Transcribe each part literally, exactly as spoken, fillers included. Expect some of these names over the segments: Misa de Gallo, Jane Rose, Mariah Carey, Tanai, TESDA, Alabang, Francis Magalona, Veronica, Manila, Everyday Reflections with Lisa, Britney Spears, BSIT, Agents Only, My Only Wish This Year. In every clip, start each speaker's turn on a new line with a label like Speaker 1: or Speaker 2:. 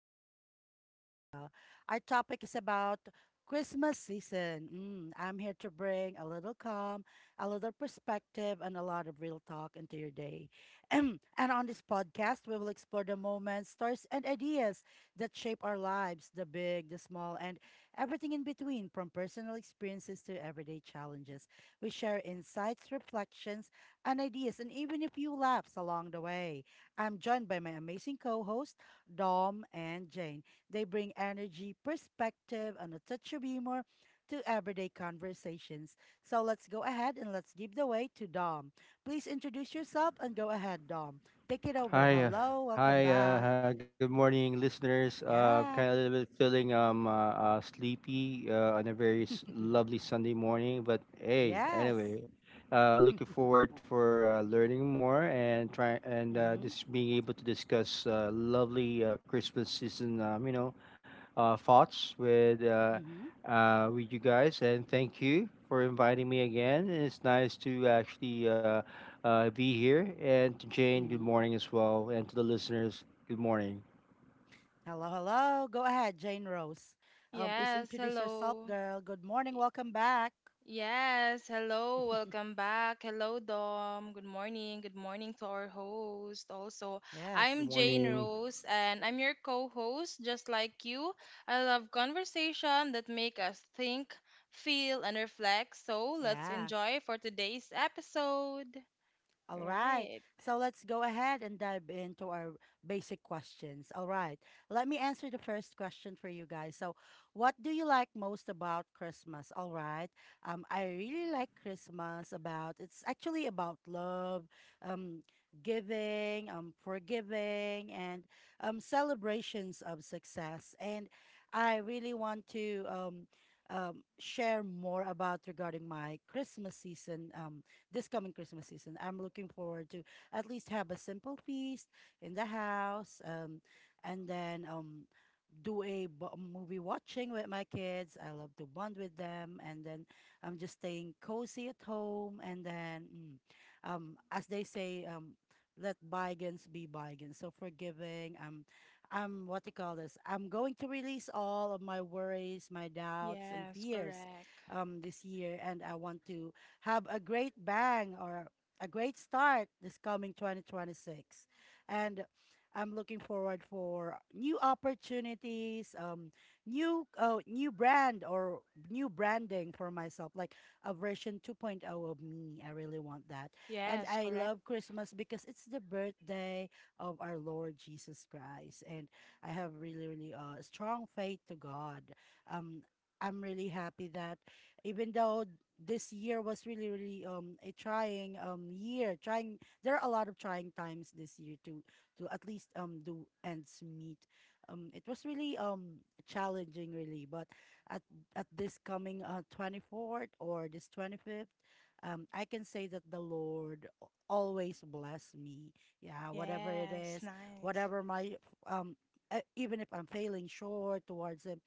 Speaker 1: Reflections with Lisa. Our topic is about Christmas season. Mm, I'm here to bring a little calm, a little perspective, and a lot of real talk into your day. And on this podcast, we will explore the moments, stories, and ideas that shape our lives, the big, the small, and everything in between, from personal experiences to everyday challenges. We share insights, reflections, and ideas, and even a few laughs along the way. I'm joined by my amazing co host, Dom and Jane. They bring energy, perspective, and a touch of humor to everyday conversations. So let's go ahead and let's give the way to Dom. Please introduce yourself and go ahead, Dom. Take it over.
Speaker 2: Hi, uh,
Speaker 1: Hello, welcome
Speaker 2: hi. Uh,
Speaker 1: back.
Speaker 2: uh, good morning, listeners. Uh,
Speaker 1: Yeah.
Speaker 2: kind of a little bit feeling um uh, uh, sleepy uh, on a very s- lovely Sunday morning, but hey,
Speaker 1: Yes.
Speaker 2: anyway, uh, looking forward for uh, learning more and try and uh,
Speaker 1: Mm-hmm.
Speaker 2: just being able to discuss uh, lovely uh, Christmas season. Um, you know, uh, thoughts with uh,
Speaker 1: Mm-hmm.
Speaker 2: uh, with you guys, and thank you for inviting me again. And it's nice to actually uh, uh, be here. And to Jane, good
Speaker 1: Mm-hmm.
Speaker 2: morning as well, and to the listeners, good morning.
Speaker 1: Hello, hello. Go ahead, Jane Rose. Um, please
Speaker 3: Yes,
Speaker 1: introduce yourself,
Speaker 3: hello.
Speaker 1: girl. Good morning. Welcome back.
Speaker 3: Yes, hello. Welcome back. Hello, Dom. Good morning. Good morning to our host also.
Speaker 2: Good
Speaker 1: Yes.
Speaker 3: I'm Jane
Speaker 2: morning.
Speaker 3: Rose and I'm your co-host just like you. I love conversation that make us think, feel and reflect. So, let's
Speaker 1: Yeah.
Speaker 3: enjoy for today's episode.
Speaker 1: All right.
Speaker 3: Right.
Speaker 1: So let's go ahead and dive into our basic questions. All right. Let me answer the first question for you guys. So, what do you like most about Christmas? All right. Um, I really like Christmas about it's actually about love, um, giving, um, forgiving, and um, celebrations of success. And I really want to um, um, share more about regarding my Christmas season. Um this coming Christmas season. I'm looking forward to at least have a simple feast in the house, um, and then um, do a bo- movie watching with my kids. I love to bond with them, and then I'm just staying cozy at home. And then, mm, um, as they say, um, let bygones be bygones. So forgiving. Um, I'm what you call this? I'm going to release all of my worries, my doubts, and
Speaker 3: Yes,
Speaker 1: fears,
Speaker 3: correct.
Speaker 1: um, this year, and I want to have a great bang or a great start this coming twenty twenty-six. And I'm looking forward for new opportunities, um, new uh, new brand or new branding for myself, like a version 2.0 of me. I really want that. And
Speaker 3: Yes,
Speaker 1: I
Speaker 3: correct.
Speaker 1: love Christmas because it's the birthday of our Lord Jesus Christ. And I have really, really uh, strong faith to God. Um, I'm really happy that even though this year was really really um a trying um year trying there are a lot of trying times this year to to at least um do ends meet, um it was really um challenging really, but at at this coming uh twenty-fourth or this twenty-fifth, um I can say that the lord al- always bless me, yeah, whatever it
Speaker 3: Yes,
Speaker 1: is,
Speaker 3: nice.
Speaker 1: whatever my um e- even if I'm failing short towards him,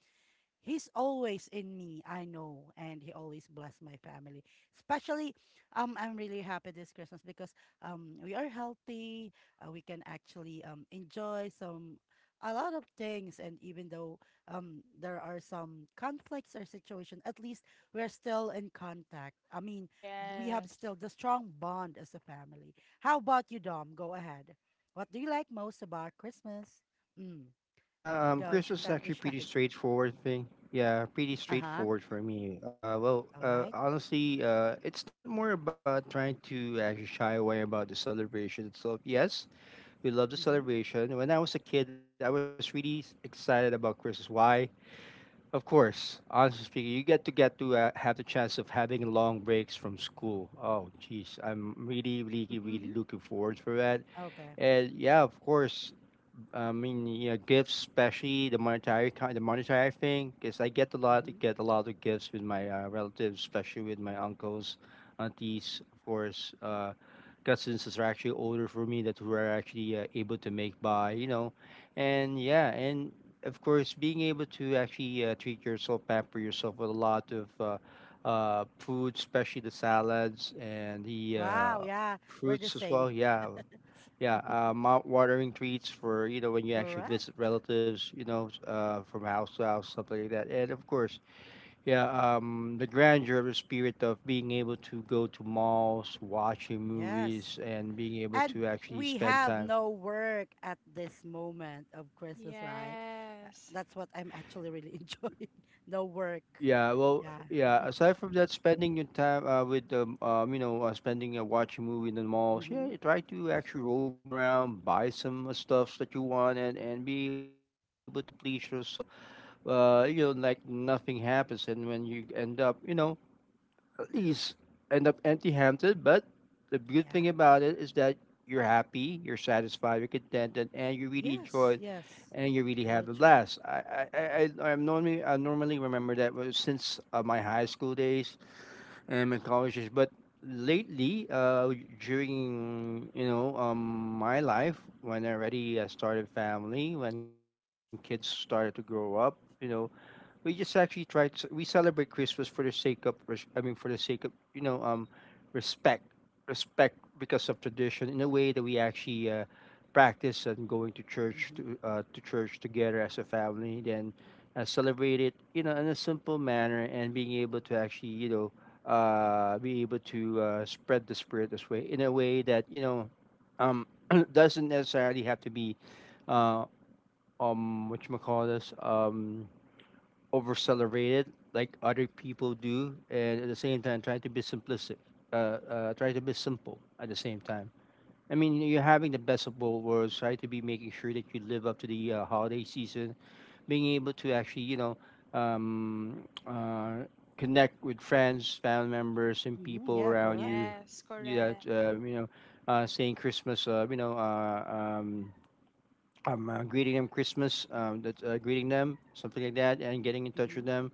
Speaker 1: He's always in me, I know, and he always bless my family. Especially, um, I'm really happy this Christmas because um, we are healthy. Uh, we can actually um enjoy some a lot of things, and even though um there are some conflicts or situation, at least we're still in contact. I mean, we have
Speaker 3: Yes.
Speaker 1: still the strong bond as a family. How about you, Dom? Go ahead. What do you like most about Christmas? Mm,
Speaker 2: Well, yeah, um,
Speaker 1: go. It's your
Speaker 2: Christmas is
Speaker 1: time to
Speaker 2: actually pretty
Speaker 1: shine.
Speaker 2: straightforward thing. Yeah, pretty
Speaker 1: Uh huh.
Speaker 2: straightforward for me. Uh, well,
Speaker 1: All
Speaker 2: uh,
Speaker 1: right.
Speaker 2: honestly, uh, it's not more about trying to actually shy away about the celebration itself. Yes, we love the
Speaker 1: Mm-hmm.
Speaker 2: celebration. When I was a kid, I was really s- excited about Christmas. Why? Of course, honestly speaking, you get to get to uh, have the chance of having long breaks from school. Oh, geez, I'm really, really, really
Speaker 1: Mm-hmm.
Speaker 2: looking forward for that.
Speaker 1: Okay.
Speaker 2: And yeah, of course, I mean, yeah, gifts, especially the monetary kind, the monetary thing, because I get a lot,
Speaker 1: Mm-hmm.
Speaker 2: get a lot of gifts with my uh, relatives, especially with my uncles, aunties, of course, uh, cousins that are actually older for me that were actually uh, able to make by, you know, and yeah, and of course, being able to actually uh, treat yourself, pamper yourself with a lot of uh, uh, food, especially the salads and the
Speaker 1: Wow.
Speaker 2: uh,
Speaker 1: Yeah, we're the
Speaker 2: fruits as
Speaker 1: same.
Speaker 2: well. Yeah, yeah, uh, mount watering treats for you know when you actually visit
Speaker 1: Correct.
Speaker 2: relatives, you know, s- uh, from house to house, something like that. And of course, yeah, um, the grandeur of the spirit of being able to go to malls, watching
Speaker 1: Yes.
Speaker 2: movies, and being able
Speaker 1: And
Speaker 2: to actually
Speaker 1: we
Speaker 2: spend
Speaker 1: have
Speaker 2: time.
Speaker 1: no work at this moment of Christmas, right? Uh,
Speaker 3: Yes.
Speaker 1: that's what I'm actually really enjoying. No work.
Speaker 2: Yeah, well,
Speaker 1: Yeah.
Speaker 2: yeah. Aside from that, spending your time uh, with um, um, you know, uh, spending uh, watching a movie in the malls. Yeah,
Speaker 1: Mm-hmm.
Speaker 2: you try to actually roam around, buy some uh, stuffs that you want, and and be able to please yourself uh, you know, like nothing happens, and when you end up, you know, at least end up empty-handed. But the good thing
Speaker 1: Yeah.
Speaker 2: about it is that you're happy, you're satisfied, you're contented, and you really
Speaker 1: Yes.
Speaker 2: enjoy it,
Speaker 1: Yes.
Speaker 2: and you really
Speaker 1: Really
Speaker 2: have a
Speaker 1: true.
Speaker 2: blast. I, I, I, I- I'm normally, I normally remember that was since uh, my high school days and my college days, but lately, uh, during you know, um, my life when I already uh, started family, when kids started to grow up, you know we just actually try to we celebrate Christmas for the sake of res- I mean for the sake of you know um respect respect because of tradition in a way that we actually uh, practice and going to church
Speaker 1: Mm-hmm.
Speaker 2: to uh, to church together as a family then uh, celebrate it you know in a simple manner and being able to actually you know uh be able to uh, spread the spirit this way in a way that you know um doesn't necessarily have to be uh um what you call this um over celebrate it like other people do, and at the same time try to be simplistic, uh, uh, try to be simple at the same time. I mean, you're having the best of both worlds. Try to be making sure that you live up to the uh, holiday season, being able to actually, you know, um, uh, connect with friends, family members, and
Speaker 1: Mm-hmm.
Speaker 2: people
Speaker 1: Yeah.
Speaker 2: around
Speaker 1: Correct.
Speaker 2: you.
Speaker 3: Yes,
Speaker 2: You that
Speaker 3: correct.
Speaker 2: uh, you know, uh, saying Christmas, uh, you know, uh, um, um, uh, greeting them Christmas, um, that, uh, greeting them, something like that, and getting in touch with
Speaker 1: Mm-hmm.
Speaker 2: them.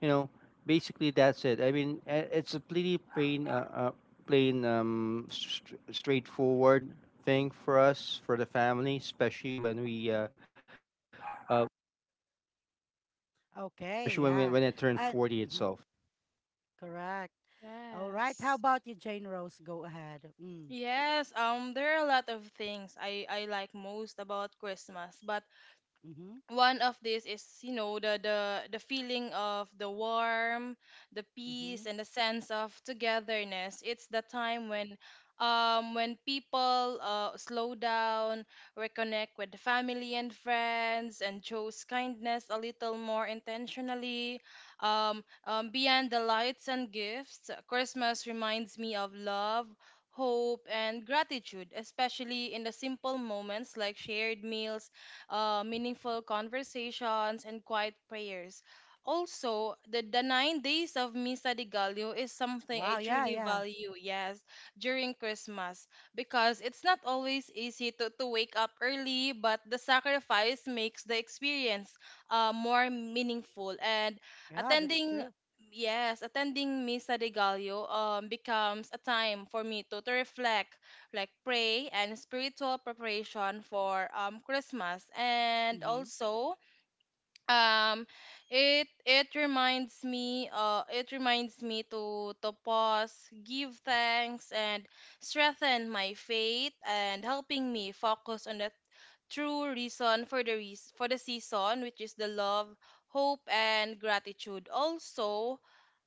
Speaker 2: You know, basically that's it. I mean, a- it's a pretty plain, uh, uh, plain, um, st- straightforward thing for us, for the family, especially when we, uh, uh,
Speaker 1: Okay.
Speaker 2: especially when we,
Speaker 1: Yeah.
Speaker 2: when it turned
Speaker 1: And
Speaker 2: forty
Speaker 1: mhm,
Speaker 2: itself.
Speaker 1: correct. All right. How
Speaker 3: Yes.
Speaker 1: about you, Jane Rose? Go ahead. Mm.
Speaker 3: Yes, um there are a lot of things I I like most about Christmas. But
Speaker 1: Mm-hmm.
Speaker 3: one of this is you know the the the feeling of the warm, the peace,
Speaker 1: Mm-hmm.
Speaker 3: and the sense of togetherness. It's the time when um when people uh, slow down, reconnect with family and friends, and chose kindness a little more intentionally. Um, um beyond the lights and gifts, Christmas reminds me of love, hope, and gratitude, especially in the simple moments like shared meals, uh, meaningful conversations, and quiet prayers. Also, the, the nine days of Misa de Gallo is something
Speaker 1: Wow,
Speaker 3: I
Speaker 1: yeah,
Speaker 3: truly
Speaker 1: yeah.
Speaker 3: value, yes, during Christmas, because it's not always easy to, to wake up early, but the sacrifice makes the experience uh, more meaningful. And
Speaker 1: Yeah, that's
Speaker 3: attending,
Speaker 1: true.
Speaker 3: yes, attending Misa de Gallo um, becomes a time for me to, to reflect, like pray and spiritual preparation for um, Christmas. And
Speaker 1: Mm-hmm.
Speaker 3: also, um, it it reminds me, uh, it reminds me to to pause, give thanks, and strengthen my faith, and helping me focus on the true reason for the reas for the season, which is the love, hope, and gratitude. Also,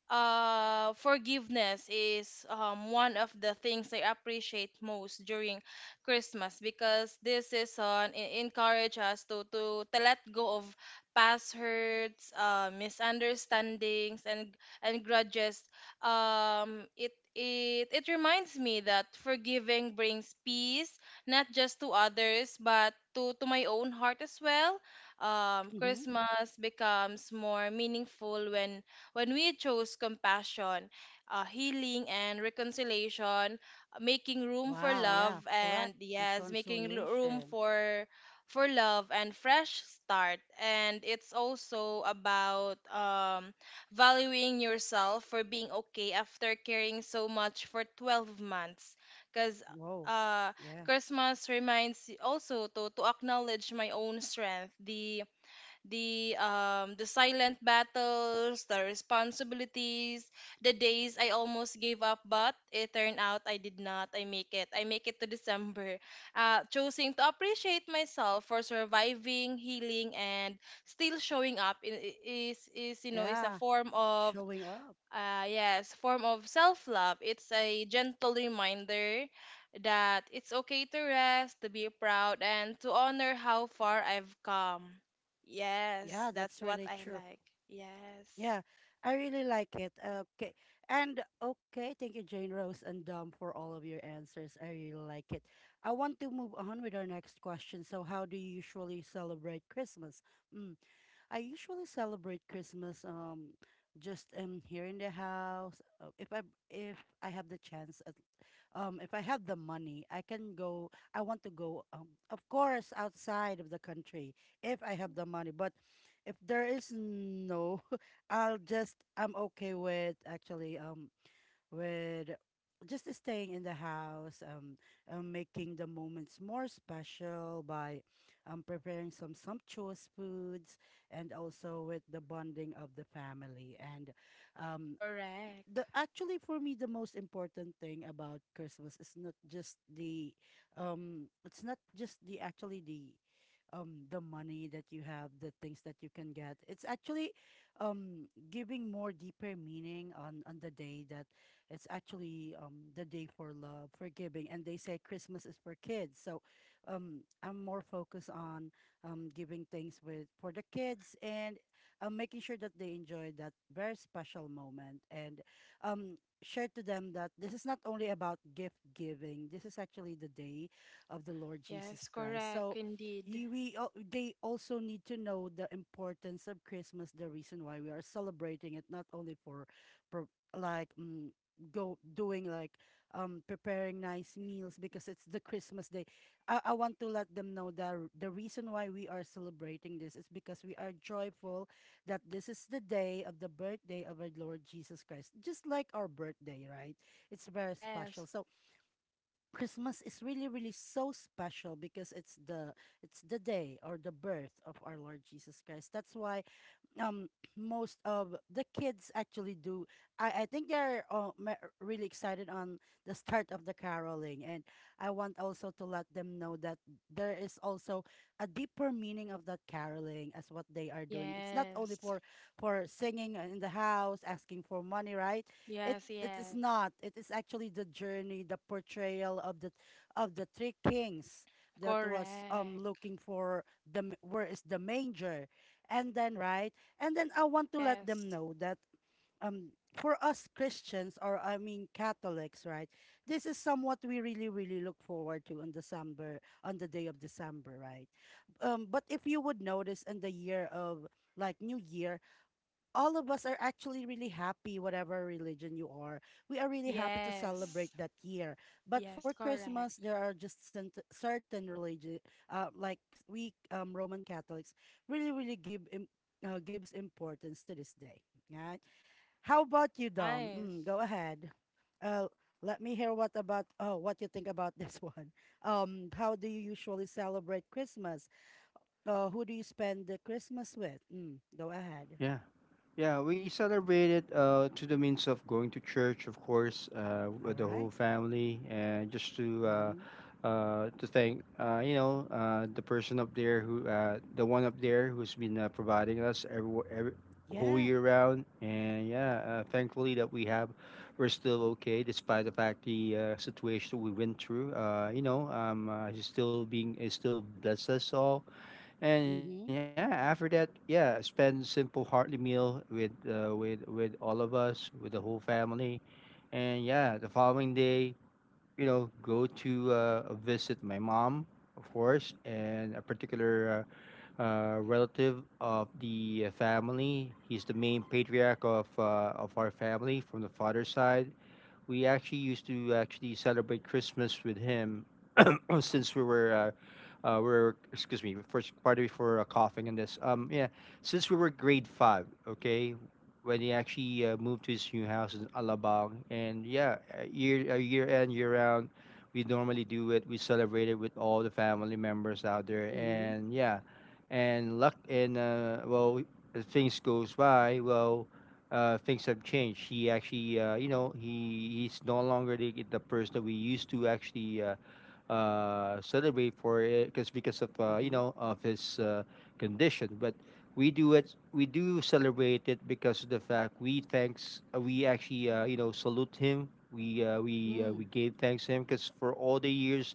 Speaker 3: uh forgiveness is um one of the things I appreciate most during Christmas, because this is on e- encourage us to to to let go of past hurts, uh, misunderstandings, and and grudges. Um it it it reminds me that forgiving brings peace, not just to others but to to my own heart as well. Um
Speaker 1: Mm-hmm.
Speaker 3: Christmas becomes more meaningful when when we chose compassion, uh, healing, and reconciliation, making room for
Speaker 1: Wow,
Speaker 3: love,
Speaker 1: yeah,
Speaker 3: and
Speaker 1: correct.
Speaker 3: yes, making l- room
Speaker 1: Reconciliation.
Speaker 3: for for love and fresh start. And it's also about um, valuing yourself for being okay after caring so much for 12 months, because
Speaker 1: Whoa.
Speaker 3: uh,
Speaker 1: Yeah.
Speaker 3: Christmas reminds y- also to, to acknowledge my own strength, the the um the silent battles, the responsibilities, the days I almost gave up, but it turned out I did not. I make it. I make it to December. Uh, choosing to appreciate myself for surviving, healing, and still showing up I- I- is is you know is a
Speaker 1: Yeah.
Speaker 3: form of,
Speaker 1: Showing up.
Speaker 3: uh, yes, form of self love. It's a gentle reminder that it's okay to rest, to be proud, and to honor how far I've come. Yes,
Speaker 1: Yeah,
Speaker 3: that's
Speaker 1: that's
Speaker 3: what
Speaker 1: really
Speaker 3: I
Speaker 1: true.
Speaker 3: like. Yes,
Speaker 1: Yeah, I really like it. Okay. And okay, thank you, Jane Rose and Dom, for all of your answers. I really like it. I want to move on with our next question. So, how do you usually celebrate Christmas? Mm. I usually celebrate Christmas um just um here in the house. Uh, If I if I have the chance at, um if I have the money, I can go I want to go, um of course, outside of the country if I have the money. But if there is no, I'll just, I'm okay with actually, um with just staying in the house, um, um, making the moments more special by um, preparing some sumptuous foods and also with the bonding of the family. And um, the
Speaker 3: correct.
Speaker 1: actually, for me the most important thing about Christmas is not just the um it's not just the actually the um the money that you have, the things that you can get. It's actually um giving more deeper meaning on on the day that it's actually um the day for love, for giving, and they say Christmas is for kids. So um I'm more focused on um giving things with for the kids, and um, making sure that they enjoy that very special moment. And um share to them that this is not only about gift giving, this is actually the day of the lord
Speaker 3: Yes,
Speaker 1: jesus christ.
Speaker 3: correct,
Speaker 1: So
Speaker 3: indeed.
Speaker 1: you, we al- they also need to know the importance of christmas, the reason why we are celebrating it, not only for, for like mm, go doing like um preparing nice meals because it's the christmas day. i, I want to let them know that the reason why we are celebrating this is because we are joyful that this is the day of the birthday of our Lord Jesus Christ, just like our birthday, right? It's very
Speaker 3: Yes,
Speaker 1: special. So Christmas is really, really so special because it's the, it's the day or the birth of our Lord Jesus Christ. That's why um most of the kids actually do i i think they're uh, ma- really excited on the start of the caroling. And I want also to let them know that there is also a deeper meaning of that caroling as what they are doing. It's not only
Speaker 3: yes,
Speaker 1: for for singing in the house asking for money, right? it
Speaker 3: yes,
Speaker 1: it is
Speaker 3: yes.
Speaker 1: not, it is actually the journey, the portrayal of the of the three kings that was um
Speaker 3: Correct.
Speaker 1: looking for the m- where is the manger, and then right, and then I want to let
Speaker 3: Yes,
Speaker 1: them know that um for us Christians, or I mean Catholics, right? This is somewhat we really really look forward to on December, on the day of December, right? Um, but if you would notice in the year of, like New Year, all of us are actually really happy, whatever religion you are. We are really happy to celebrate
Speaker 3: yes,
Speaker 1: that year. But
Speaker 3: yes,
Speaker 1: for
Speaker 3: correct.
Speaker 1: Christmas, there are just cent- certain religion, uh, like s- we um, Roman Catholics, really, really give Im- uh, gives importance to this day. Right? How about you, Dom?
Speaker 3: Nice.
Speaker 1: Mm, go ahead. Uh, let me hear what about, oh, what you think about this one. Um, how do you usually celebrate Christmas? Uh, who do you spend the Christmas with? Mm, go ahead.
Speaker 2: Yeah. Yeah, we celebrated uh, to the means of going to church, of course, uh,
Speaker 1: All
Speaker 2: with the whole
Speaker 1: right.
Speaker 2: family, and just to uh,
Speaker 1: Mm-hmm.
Speaker 2: uh, to thank uh, you know uh, the person up there who uh, the one up there who's been uh, providing us every, every whole
Speaker 1: Yeah.
Speaker 2: year round, and yeah, uh, thankfully that we have we're still okay despite the fact the uh, situation we went through. Uh, you know, um, uh, he's still being is still blessed us all and yeah,
Speaker 1: Mm-hmm.
Speaker 2: after that, yeah, spend simple heartly meal with uh, with with all of us, with the whole family. And yeah, the following day, you know, go to uh, visit my mom, of course, and a particular uh, uh, relative of the uh, family. He's the main patriarch of uh, of our family from the father's side we actually used to actually celebrate Christmas with him since we were uh, uh, we were excuse me first part before uh, coughing and this um yeah since we were grade five. Okay, when he actually uh, moved to his new house in Alabang and yeah uh, year uh, year end year round we normally do it we celebrate it with all the family members out there
Speaker 1: Mm-hmm.
Speaker 2: and yeah and luck and uh, well as things goes by well uh, things have changed. He actually, uh, you know, he he's no longer the, the person that we used to actually uh, uh, celebrate for it because because of uh, you
Speaker 1: Mm-hmm.
Speaker 2: know of his uh, condition. But we do it. We do celebrate it because of the fact we thanks. uh, We actually uh, you know salute him. We uh, we uh, we
Speaker 1: Mm.
Speaker 2: gave thanks to him because for all the years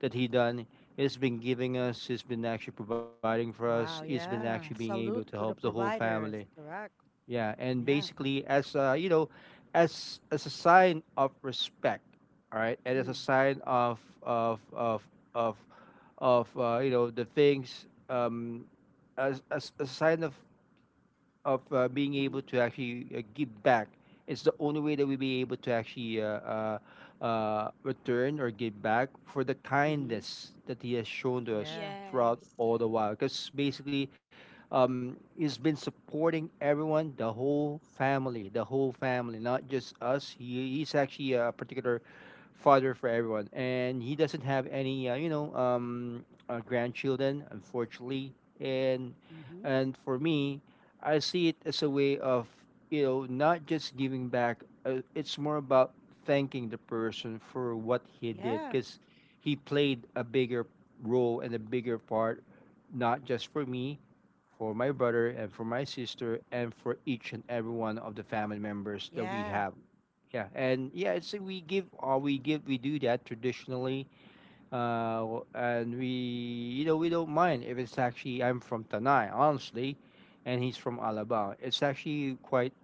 Speaker 2: that he done, he's been giving us. He's been actually providing for us. He's
Speaker 1: Wow,
Speaker 2: been actually being
Speaker 1: yeah.
Speaker 2: able to
Speaker 1: Salute
Speaker 2: help
Speaker 1: to
Speaker 2: the
Speaker 1: the
Speaker 2: whole family
Speaker 1: providers, correct?
Speaker 2: yeah, and
Speaker 1: Yeah.
Speaker 2: basically as a, you know, as as a sign of respect, all right, and as a
Speaker 1: Mm.
Speaker 2: sign of of of of of uh, you know the things um as, as as a sign of of uh, being
Speaker 1: Mm-hmm.
Speaker 2: able to actually uh, give back. It's the only way that we'll be able to actually uh, uh, uh, return or give back for the
Speaker 1: Mm-hmm.
Speaker 2: kindness that he has shown to us
Speaker 1: Yeah.
Speaker 2: throughout
Speaker 3: Yes.
Speaker 2: all the while. Because basically, um, he's been supporting everyone, the whole family, the whole family, not just us. He, he's actually a particular father for everyone, and he doesn't have any, uh, you know, um, uh, grandchildren, unfortunately, and
Speaker 1: Mm-hmm.
Speaker 2: and for me I see it as a way of, you know, not just giving back. Uh, it's more about thanking the person for what he did
Speaker 1: Yeah.
Speaker 2: because he played a bigger role and a bigger part, not just for me, for my brother and for my sister and for each and every one of the family members that we
Speaker 1: Yeah.
Speaker 2: have. Yeah, and yeah, it's we give or we give we do that traditionally uh, w- and we you know we don't mind if it's actually I'm from Tanai honestly, and he's from Alabang. It's actually quite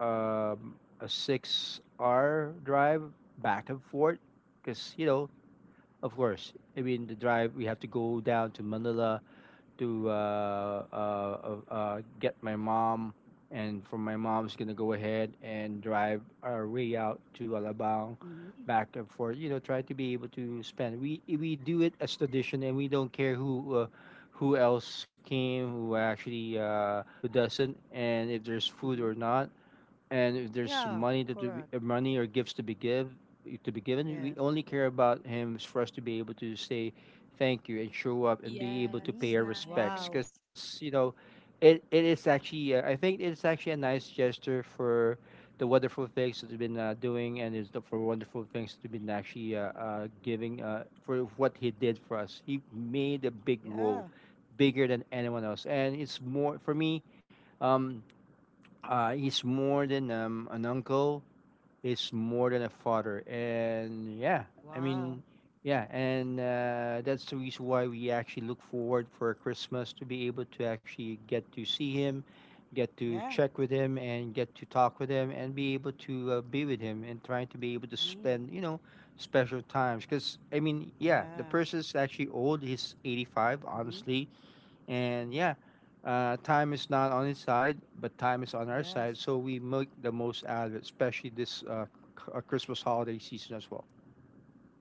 Speaker 2: um, a six-hour drive back and forth, because you know of course I mean the drive we have to go down to Manila to uh, uh, uh, uh, get my mom, and from my mom's gonna go ahead and drive our way out to Alabang,
Speaker 1: Mm-hmm.
Speaker 2: back and forth. You know, try to be able to spend. We we do it as tradition, and we don't care who uh, who else came, who actually uh, who doesn't, and if there's food or
Speaker 1: Mm-hmm.
Speaker 2: not and if there's
Speaker 1: Yeah,
Speaker 2: money to be,
Speaker 1: correct.
Speaker 2: uh, money or gifts to be give to be given, we
Speaker 1: Yes.
Speaker 2: only care about him is for us to be able to say thank you and show up and be able
Speaker 3: Yes,
Speaker 2: to
Speaker 1: Mm.
Speaker 2: pay our
Speaker 1: Wow.
Speaker 2: respects.
Speaker 3: nice.
Speaker 2: Because you know, it it is actually uh, I think it's actually a nice gesture for the wonderful things that we've been uh, doing and is the, for wonderful things that we've been actually uh, uh, giving uh, for what he did for us. He made a big role,
Speaker 1: Yeah.
Speaker 2: bigger than anyone else, and it's more for me. Um, uh, he's more than um, an uncle. He's more than a father,
Speaker 1: Oh,
Speaker 2: and yeah, I mean,
Speaker 1: wow.
Speaker 2: yeah, and uh, that's the reason why we actually look forward for Christmas to be able to actually get to see him, get to
Speaker 1: Yeah.
Speaker 2: check with him, and get to talk with him, and be able to uh, be with him, and trying to be able to
Speaker 1: Mm.
Speaker 2: spend, you know, special times. Because I mean, yeah, the
Speaker 1: Yeah.
Speaker 2: person's actually old. He's eighty-five,
Speaker 1: Mm-hmm.
Speaker 2: honestly and
Speaker 1: Mm-hmm.
Speaker 2: yeah, uh, time is not on its side, but time is on our side.
Speaker 1: Yes.
Speaker 2: So we make the most out of it, especially this uh, c- uh, Christmas holiday season as well.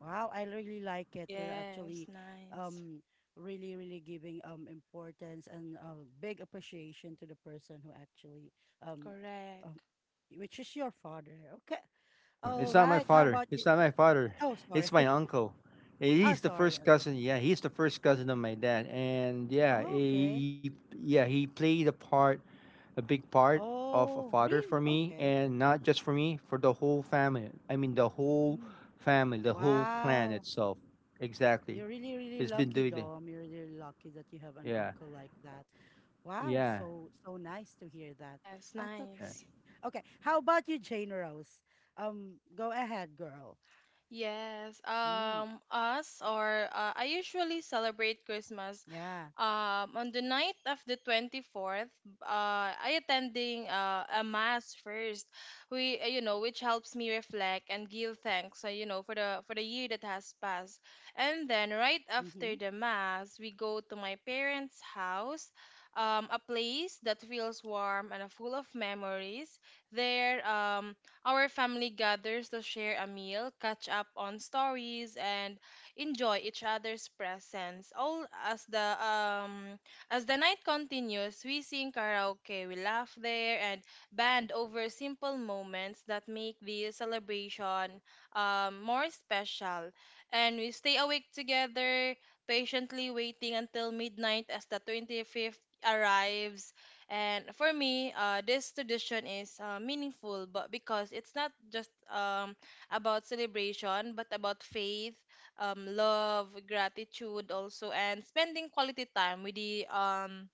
Speaker 1: Wow, I really like it. You're
Speaker 3: Yes,
Speaker 1: actually
Speaker 3: nice.
Speaker 1: um really, really giving um importance and uh, big appreciation to the person who actually um, um
Speaker 3: Correct.
Speaker 1: which is your father. Okay.
Speaker 2: No,
Speaker 1: All
Speaker 2: it's not my
Speaker 1: right. How
Speaker 2: father.
Speaker 1: about
Speaker 2: It's
Speaker 1: you?
Speaker 2: not my father.
Speaker 1: Oh,
Speaker 2: It's
Speaker 1: sorry.
Speaker 2: my uncle. Eh,
Speaker 1: Oh,
Speaker 2: He's the
Speaker 1: sorry.
Speaker 2: first
Speaker 1: Okay.
Speaker 2: cousin. Yeah, he's the first cousin of my dad. And yeah, eh,
Speaker 1: Okay.
Speaker 2: he, yeah, he played a part, a big part of a
Speaker 1: Oh,
Speaker 2: father for
Speaker 1: really?
Speaker 2: me,
Speaker 1: Okay.
Speaker 2: and not just for me, for the whole family. I mean, the whole
Speaker 1: Mm.
Speaker 2: family, the whole clan
Speaker 1: Wow.
Speaker 2: itself. Exactly.
Speaker 1: You're really, really
Speaker 2: It's been
Speaker 1: lucky,
Speaker 2: doing that.
Speaker 1: Dom. You're really really lucky that you have an
Speaker 2: Yeah,
Speaker 1: uncle like that. Wow,
Speaker 2: yeah.
Speaker 1: so so nice to hear that.
Speaker 3: Yes,
Speaker 1: I thought
Speaker 2: uh,
Speaker 3: nice.
Speaker 1: really. Okay, how about you, Jane Rose? Um, go ahead, girl.
Speaker 3: Yes,
Speaker 1: Mm,
Speaker 3: um, us or uh, I usually celebrate Christmas
Speaker 1: yeah.
Speaker 3: um, on the night of the twenty-fourth. Uh, I attending uh, a mass first. We, uh, you know, which helps me reflect and give thanks, uh, you know, for the for the year that has passed. And then right after
Speaker 1: Mm-hmm.
Speaker 3: the mass, we go to my parents' house. Um, a place that feels warm and uh, full of memories. There, um, our family gathers to share a meal, catch up on stories, and enjoy each other's presence. All as the um as the night continues, we sing karaoke, we laugh there, and band over simple moments that make the celebration um, more special. And we stay awake together, patiently waiting until midnight as the twenty-fifth arrives. And for me, uh, this tradition is uh, meaningful, but because it's not just um, about celebration, but about faith, um, love, gratitude, also, and spending quality time with the um,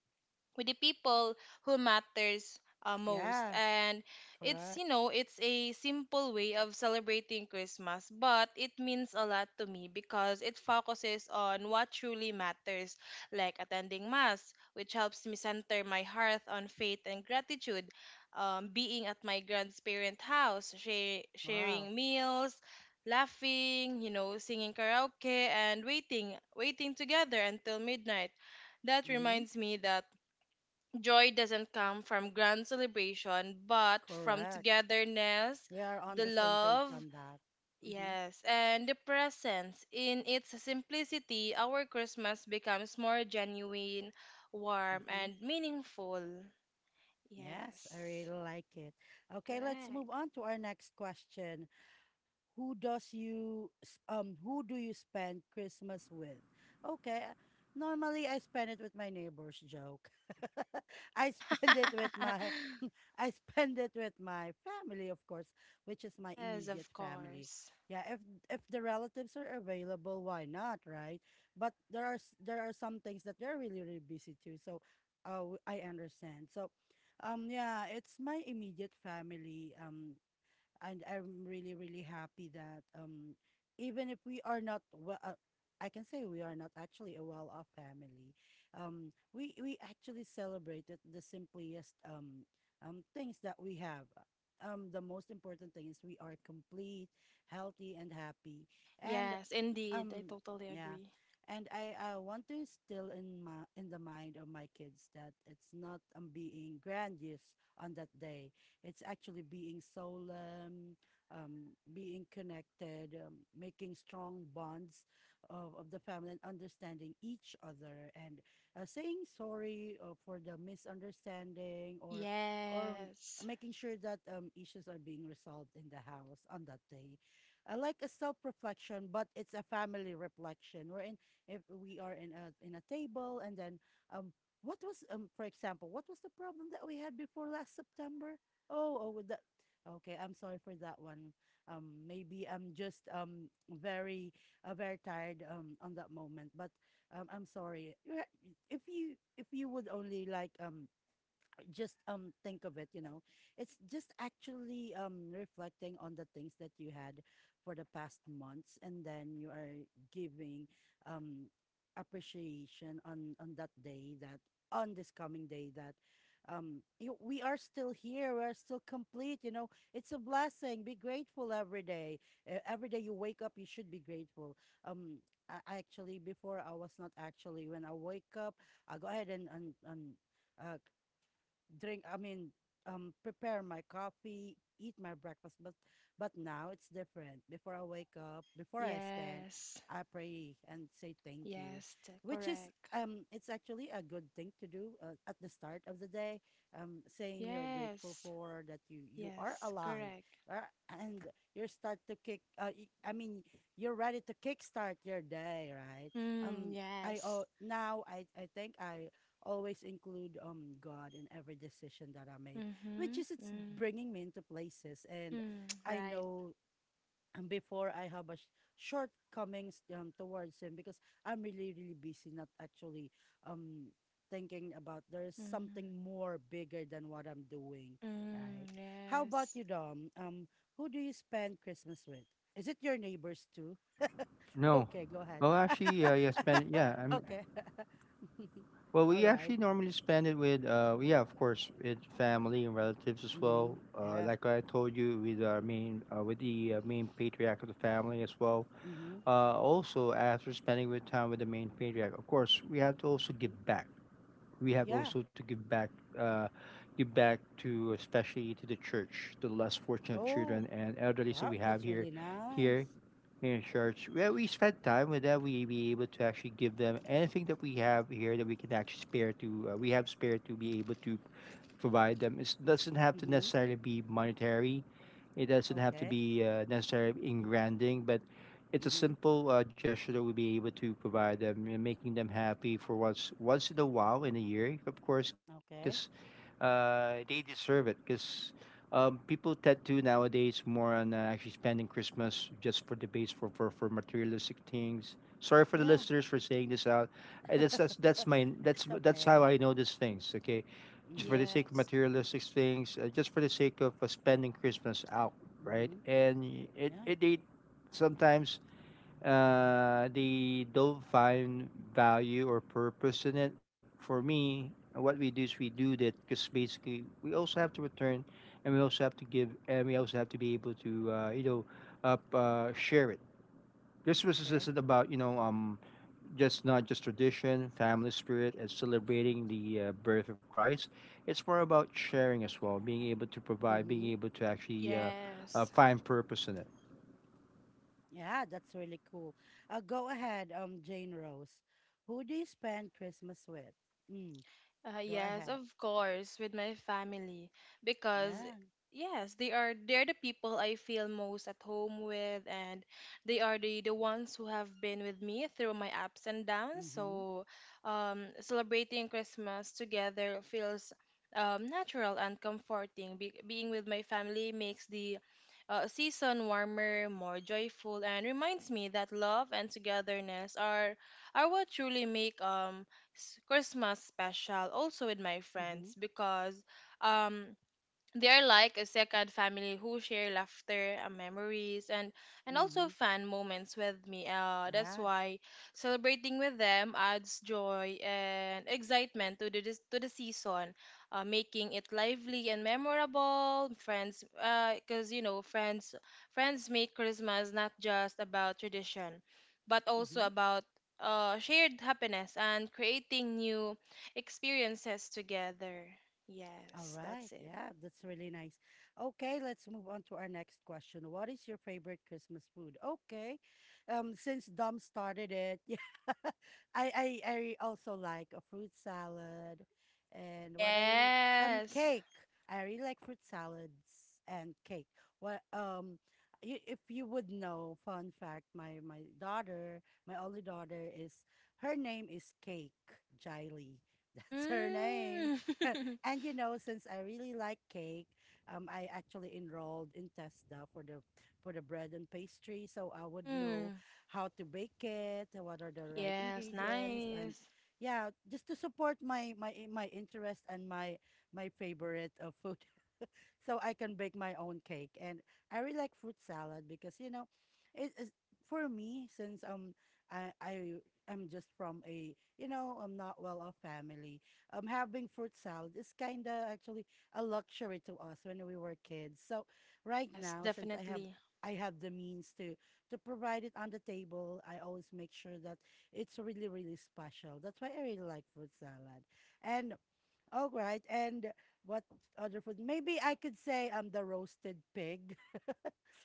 Speaker 3: with the people who matters, uh, most.
Speaker 1: Yeah,
Speaker 3: And it's,
Speaker 1: correct.
Speaker 3: you know it's a simple way of celebrating Christmas, but it means a lot to me because it focuses on what truly matters, like attending mass, which helps me center my heart on faith and gratitude. um, being at my grandparents house, share,
Speaker 1: Wow.
Speaker 3: sharing meals, laughing, you know singing karaoke, and waiting waiting together until midnight. That
Speaker 1: Mm-hmm.
Speaker 3: reminds me that joy doesn't come from grand celebration, but from
Speaker 1: Correct.
Speaker 3: togetherness,
Speaker 1: We are on
Speaker 3: the
Speaker 1: the same page
Speaker 3: love,
Speaker 1: on that. Mm-hmm.
Speaker 3: yes, and the presence. In its simplicity, our Christmas becomes more genuine, warm,
Speaker 1: Mm-hmm.
Speaker 3: and meaningful.
Speaker 1: Yes, I really
Speaker 3: Yes,
Speaker 1: like it. Okay, let's move
Speaker 3: correct.
Speaker 1: on to our next question. who does you s- um who do you spend Christmas with? Okay. uh, Normally I spend it with my neighbors, joke. I spend it with my I spend it with my family, of course, which is my
Speaker 3: yes, of
Speaker 1: immediate family.
Speaker 3: course.
Speaker 1: Yeah, if if the relatives are available, why not, right? But there are s- there are some things that they're really really busy too. So uh, w- I understand. So um yeah, it's my immediate family. Um and I'm really really happy that um even if we are not well uh, I can say we are not actually a well-off family. Um we we actually celebrated the simplest um um things that we have. Um the most important thing is we are complete, healthy, and happy. and
Speaker 3: Yes, indeed. I
Speaker 1: um
Speaker 3: totally
Speaker 1: yeah
Speaker 3: agree.
Speaker 1: and i i want to instill in my in the mind of my kids that it's not, um, being grandiose on that day. It's actually being solemn, um being connected, um, making strong bonds of, of the family, and understanding each other, and uh, saying sorry uh, for the misunderstanding, or or
Speaker 3: Yes,
Speaker 1: making sure that um issues are being resolved in the house on that day. Uh, like a self-reflection, but it's a family reflection. We're in If we are in a in a table, and then, um, what was, um, for example, what was the problem that we had before last September? Oh, oh, with that. Okay, I'm sorry for that one. Um, maybe I'm just um very uh, very tired um on that moment, but um, I'm sorry. You ha- If you if you would only like, um just um think of it, you know. It's just actually um reflecting on the things that you had for the past months, and then you are giving um appreciation on on that day, that on this coming day, that um you, we are still here, we are still complete. You know, it's a blessing. Be grateful every day. E- every day you wake up you should be grateful. Um I, I actually, before, I was not actually, when I wake up I go ahead and and, and uh, drink I mean um prepare my coffee, eat my breakfast. But but now it's different. Before I wake up, before I stand,
Speaker 3: yes,
Speaker 1: I pray and say thank you,
Speaker 3: yes, t-
Speaker 1: which is,
Speaker 3: correct.
Speaker 1: um it's actually a good thing to do uh, at the start of the day, um saying you're grateful
Speaker 3: Yes.
Speaker 1: for that, you you are
Speaker 3: Yes,
Speaker 1: alive
Speaker 3: correct.
Speaker 1: uh, and you are start to kick uh, y- i mean you're ready to kickstart your day, right?
Speaker 3: Mm,
Speaker 1: um I
Speaker 3: yes.
Speaker 1: oh Now I I think I always include um God in every decision that I make, which
Speaker 3: Mm-hmm.
Speaker 1: is, it's
Speaker 3: Mm,
Speaker 1: bringing me into places. And
Speaker 3: mm,
Speaker 1: I
Speaker 3: right.
Speaker 1: know, um, before I have a sh- shortcomings um, towards Him, because I'm really really busy, not actually um thinking about there's something
Speaker 3: Mm,
Speaker 1: more bigger than what I'm doing, right?
Speaker 3: mm,
Speaker 1: How about
Speaker 3: yes.
Speaker 1: you, Dom? Um, who do you spend Christmas with? Is it your neighbors too?
Speaker 2: No.
Speaker 1: Okay, go ahead.
Speaker 2: Well, actually, uh, yeah, spend yeah. I'm
Speaker 1: Okay.
Speaker 2: well.
Speaker 1: All
Speaker 2: We
Speaker 1: right.
Speaker 2: actually normally spend it with uh, yeah, of course, with family and relatives as
Speaker 1: Mm-hmm.
Speaker 2: well. Uh,
Speaker 1: Yeah.
Speaker 2: like I told you, with our main uh, with the uh, main patriarch of the family as well.
Speaker 1: Mhm,
Speaker 2: Uh, also after spending with time with the main patriarch, of course, we have to also give
Speaker 1: mhm.
Speaker 2: back. We have
Speaker 1: Yeah.
Speaker 2: also to give back. Uh, give back to especially to the church, to the less fortunate
Speaker 1: Oh,
Speaker 2: children and elderly that
Speaker 1: wow,
Speaker 2: we have
Speaker 1: that's
Speaker 2: here
Speaker 1: really nice.
Speaker 2: here in church where we spend time with them. We be able to actually give them anything that we have here that we can actually spare to. Uh, we have spare to be able to provide them. It doesn't have to
Speaker 1: Mhm.
Speaker 2: necessarily be monetary. It doesn't have to
Speaker 1: Okay.
Speaker 2: be uh, necessarily in branding, but it's a
Speaker 1: Mhm.
Speaker 2: simple uh, gesture that we'll be able to provide them and making them happy for once once in a while in a year, of course, because
Speaker 1: Okay.
Speaker 2: uh, they deserve it. Because um, people tend to nowadays more on uh, actually spending Christmas just for the base for, for for materialistic things. Sorry for the
Speaker 1: Yeah.
Speaker 2: listeners for saying this out. Uh, That's that's that's my that's
Speaker 1: It's
Speaker 2: that's how
Speaker 1: okay.
Speaker 2: I know these things. Okay, just for the
Speaker 1: Mhm.
Speaker 2: sake of
Speaker 3: Yes.
Speaker 2: materialistic things, uh, just for the sake of uh, spending Christmas out, right?
Speaker 1: Mhm.
Speaker 2: And y- it,
Speaker 1: Yeah.
Speaker 2: it they sometimes uh, they don't find value or purpose in it. For me, what we do is we do that because basically we also have to return, and we also have to give, and we also have to be able to uh, you know up uh, share it. Christmas is
Speaker 1: Okay.
Speaker 2: isn't about you know um just not just tradition, family spirit, and celebrating the uh, birth of Christ. It's more about sharing as well, being able to provide,
Speaker 1: Mm-hmm.
Speaker 2: being able to actually uh, uh,
Speaker 3: Yes.
Speaker 2: find purpose in it.
Speaker 1: Yeah, that's really cool. Uh, go ahead, um, Jane Rose. Who do you spend Christmas with? Mm,
Speaker 3: Uh,
Speaker 1: go
Speaker 3: yes,
Speaker 1: ahead.
Speaker 3: of course, with my family, because
Speaker 1: Yeah.
Speaker 3: yes, they are they're the people I feel most at home with, and they are the the ones who have been with me through my ups and downs.
Speaker 1: Mhm.
Speaker 3: So, um celebrating Christmas together feels um natural and comforting. Be- being with my family makes the uh, season warmer, more joyful, and reminds me that love and togetherness are are what truly make um s- Christmas special. Also with my friends, because um they are like a second family who share laughter and memories, and and also
Speaker 1: Mhm.
Speaker 3: fun moments with me. uh, that's
Speaker 1: Yeah.
Speaker 3: why celebrating with them adds joy and excitement to the, dis- to the season, uh, making it lively and memorable. Friends, because you know friends friends make Christmas not just about tradition, but also
Speaker 1: Mm-hmm.
Speaker 3: about uh, shared happiness and creating new experiences together.
Speaker 1: All
Speaker 3: Yes,
Speaker 1: right.
Speaker 3: that's it.
Speaker 1: Yeah, that's really nice. Okay, let's move on to our next question. What is your favorite Christmas food? Okay. Um, since Dom started it, yeah, I, I I also like a fruit salad, and what I, um
Speaker 3: Yes.
Speaker 1: cake. I really like fruit salads and cake. What um you, if you would know, fun fact, my my daughter, my only daughter is, her name is Cake Jiley. That's her name.
Speaker 3: Mm.
Speaker 1: And you know, since I really like cake, um, I actually enrolled in TESDA for the for the bread and pastry, so I would know
Speaker 3: mm.
Speaker 1: how to bake it, and what are the right
Speaker 3: Yes,
Speaker 1: ingredients, and
Speaker 3: nice.
Speaker 1: yeah, just to support my my i- my interest and my my favorite of food, so I can bake my own cake. And I really like fruit salad because, you know, it is, for me, since um I I am just from a, you know, I'm not well off family. Um, having fruit salad is kind of actually a luxury to us when we were kids. So right
Speaker 3: Yes,
Speaker 1: now, since I have,
Speaker 3: definitely.
Speaker 1: I have the means to to provide it on the table, I always make sure that it's really, really special. That's why I really like fruit salad. And all right. And what other food? Maybe I could say um the roasted pig.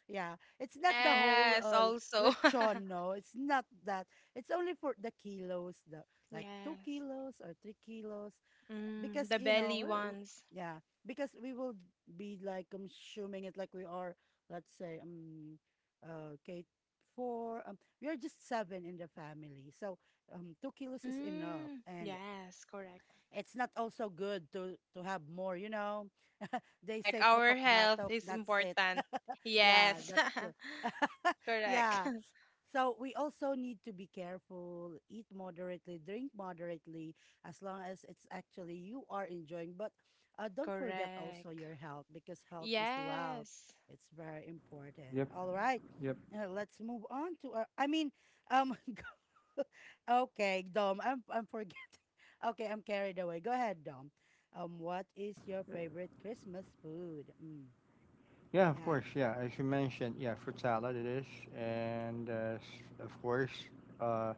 Speaker 1: Yeah. It's not the whole
Speaker 3: Yes,
Speaker 1: uh
Speaker 3: also.
Speaker 1: lechon, no. It's not that. It's only for the kilos, the like two
Speaker 3: yes.
Speaker 1: kilos or three kilos.
Speaker 3: Mm,
Speaker 1: Because,
Speaker 3: the
Speaker 1: you know,
Speaker 3: belly
Speaker 1: uh, w-
Speaker 3: ones.
Speaker 1: yeah, because we will be like consuming it. Like, we are, let's say, um uh Kate four. Um we are just seven in the family. So um two kilos is enough.
Speaker 3: Mm,
Speaker 1: And
Speaker 3: yes, correct.
Speaker 1: it's not also good to to have more, you know. They
Speaker 3: Correct.
Speaker 1: say
Speaker 3: Our
Speaker 1: potok
Speaker 3: health
Speaker 1: batok,
Speaker 3: is
Speaker 1: that's it.
Speaker 3: important.
Speaker 1: Yeah,
Speaker 3: Yes.
Speaker 1: that's good.
Speaker 3: correct.
Speaker 1: Yeah. So we also need to be careful, eat moderately, drink moderately, as long as it's actually you are enjoying. But uh, don't forget also
Speaker 3: Correct.
Speaker 1: your health, because health is wealth.
Speaker 3: Yes.
Speaker 1: It's very important.
Speaker 2: Yep.
Speaker 1: All right.
Speaker 2: Yep.
Speaker 1: Uh, let's move on to our, I mean, um, okay, Dom, I'm I'm forgetting. Okay, I'm carried away. Go ahead, Dom. Um, what
Speaker 2: Yeah.
Speaker 1: is your favorite Christmas food? Mm,
Speaker 2: Yeah, of
Speaker 1: yeah,
Speaker 2: course. Yeah, as you mentioned, yeah, fruit salad it is, and uh, s- of course, uh,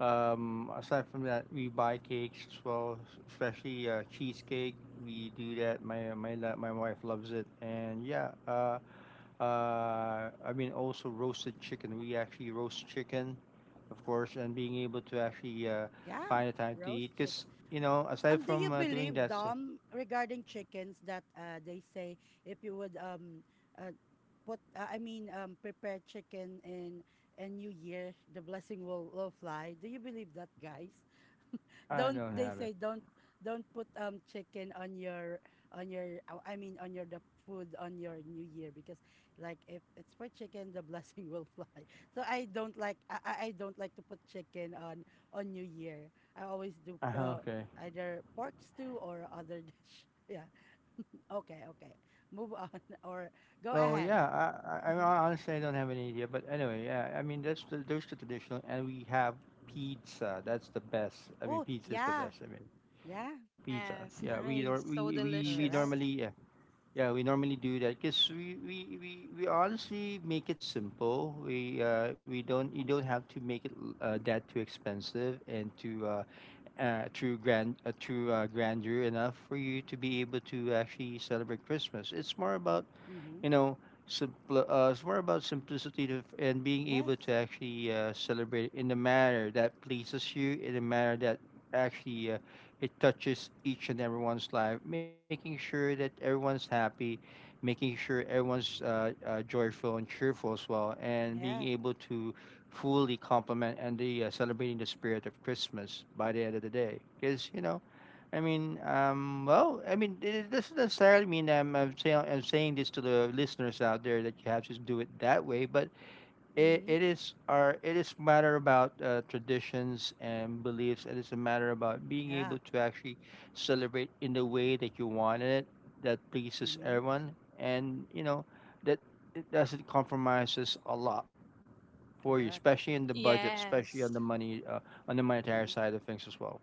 Speaker 2: um, aside from that, we buy cakes as well, s- especially uh, cheesecake. We do that. My my la- my wife loves it, and yeah, uh, uh, I mean also roasted chicken. We actually roast chicken, of course, and being able to actually uh,
Speaker 1: yeah,
Speaker 2: find a time to
Speaker 1: roast
Speaker 2: eat,
Speaker 1: chicken.
Speaker 2: because you know, aside
Speaker 1: Um, do you
Speaker 2: from uh, doing
Speaker 1: believe,
Speaker 2: that, so
Speaker 1: Dom, regarding chickens that uh they say if you would um uh put uh, I mean um prepare chicken in in New Year, the blessing will will fly. Do you believe that, guys?
Speaker 2: I
Speaker 1: Don't
Speaker 2: don't
Speaker 1: they
Speaker 2: have it.
Speaker 1: say don't don't put um chicken on your on your uh, I mean on your the food on your new year, because like if it's for chicken the blessing will fly. So I don't like, I, I I don't like to put chicken on on new year. I always do,
Speaker 2: Uh,
Speaker 1: uh,
Speaker 2: okay.
Speaker 1: either pork stew or other dish. Yeah. Okay, okay. Move on or go
Speaker 2: Well,
Speaker 1: ahead.
Speaker 2: yeah, I, I,
Speaker 1: Mhm.
Speaker 2: I honestly I don't have any idea, but anyway, yeah, I mean that's the those the traditional, and we have pizza. That's the best. I mean,
Speaker 1: Oh,
Speaker 2: pizza is the
Speaker 1: yeah.
Speaker 2: best. I mean,
Speaker 1: Yeah.
Speaker 2: pizza. Yeah,
Speaker 3: Yes,
Speaker 2: we nor-
Speaker 3: nice.
Speaker 2: we
Speaker 3: So
Speaker 2: we we normally
Speaker 1: Correct.
Speaker 3: delicious.
Speaker 2: yeah yeah we normally do that because we, we we we honestly make it simple. We uh we don't you don't have to make it l- uh, that too expensive and too uh, uh too grand uh, too uh, grandeur enough for you to be able to actually celebrate Christmas. It's more about
Speaker 1: Mhm.
Speaker 2: you know, simple, uh, it's more about simplicity to, and being able
Speaker 1: Yes.
Speaker 2: to actually uh, celebrate in a manner that pleases you, in a manner that actually uh, it touches each and everyone's life, making sure that everyone's happy, making sure everyone's uh, uh, joyful and cheerful as well, and being
Speaker 1: Yeah.
Speaker 2: able to fully complement and the uh, celebrating the spirit of Christmas by the end of the day. Because you know, I mean, um, well, I mean, it it doesn't necessarily mean I'm, I'm saying I'm saying this to the listeners out there that you have to do it that way, but it,
Speaker 1: Mhm.
Speaker 2: it is our it is matter about uh, traditions and beliefs. It is a matter about being
Speaker 1: Yeah.
Speaker 2: able to actually celebrate in the way that you wanted it, that pleases
Speaker 1: Mm-hmm.
Speaker 2: everyone, and you know that it doesn't compromises a lot for you,
Speaker 1: Correct.
Speaker 2: especially in the budget, especially on
Speaker 3: Yes.
Speaker 2: the money uh, on the monetary
Speaker 1: Hmm.
Speaker 2: side of things as well.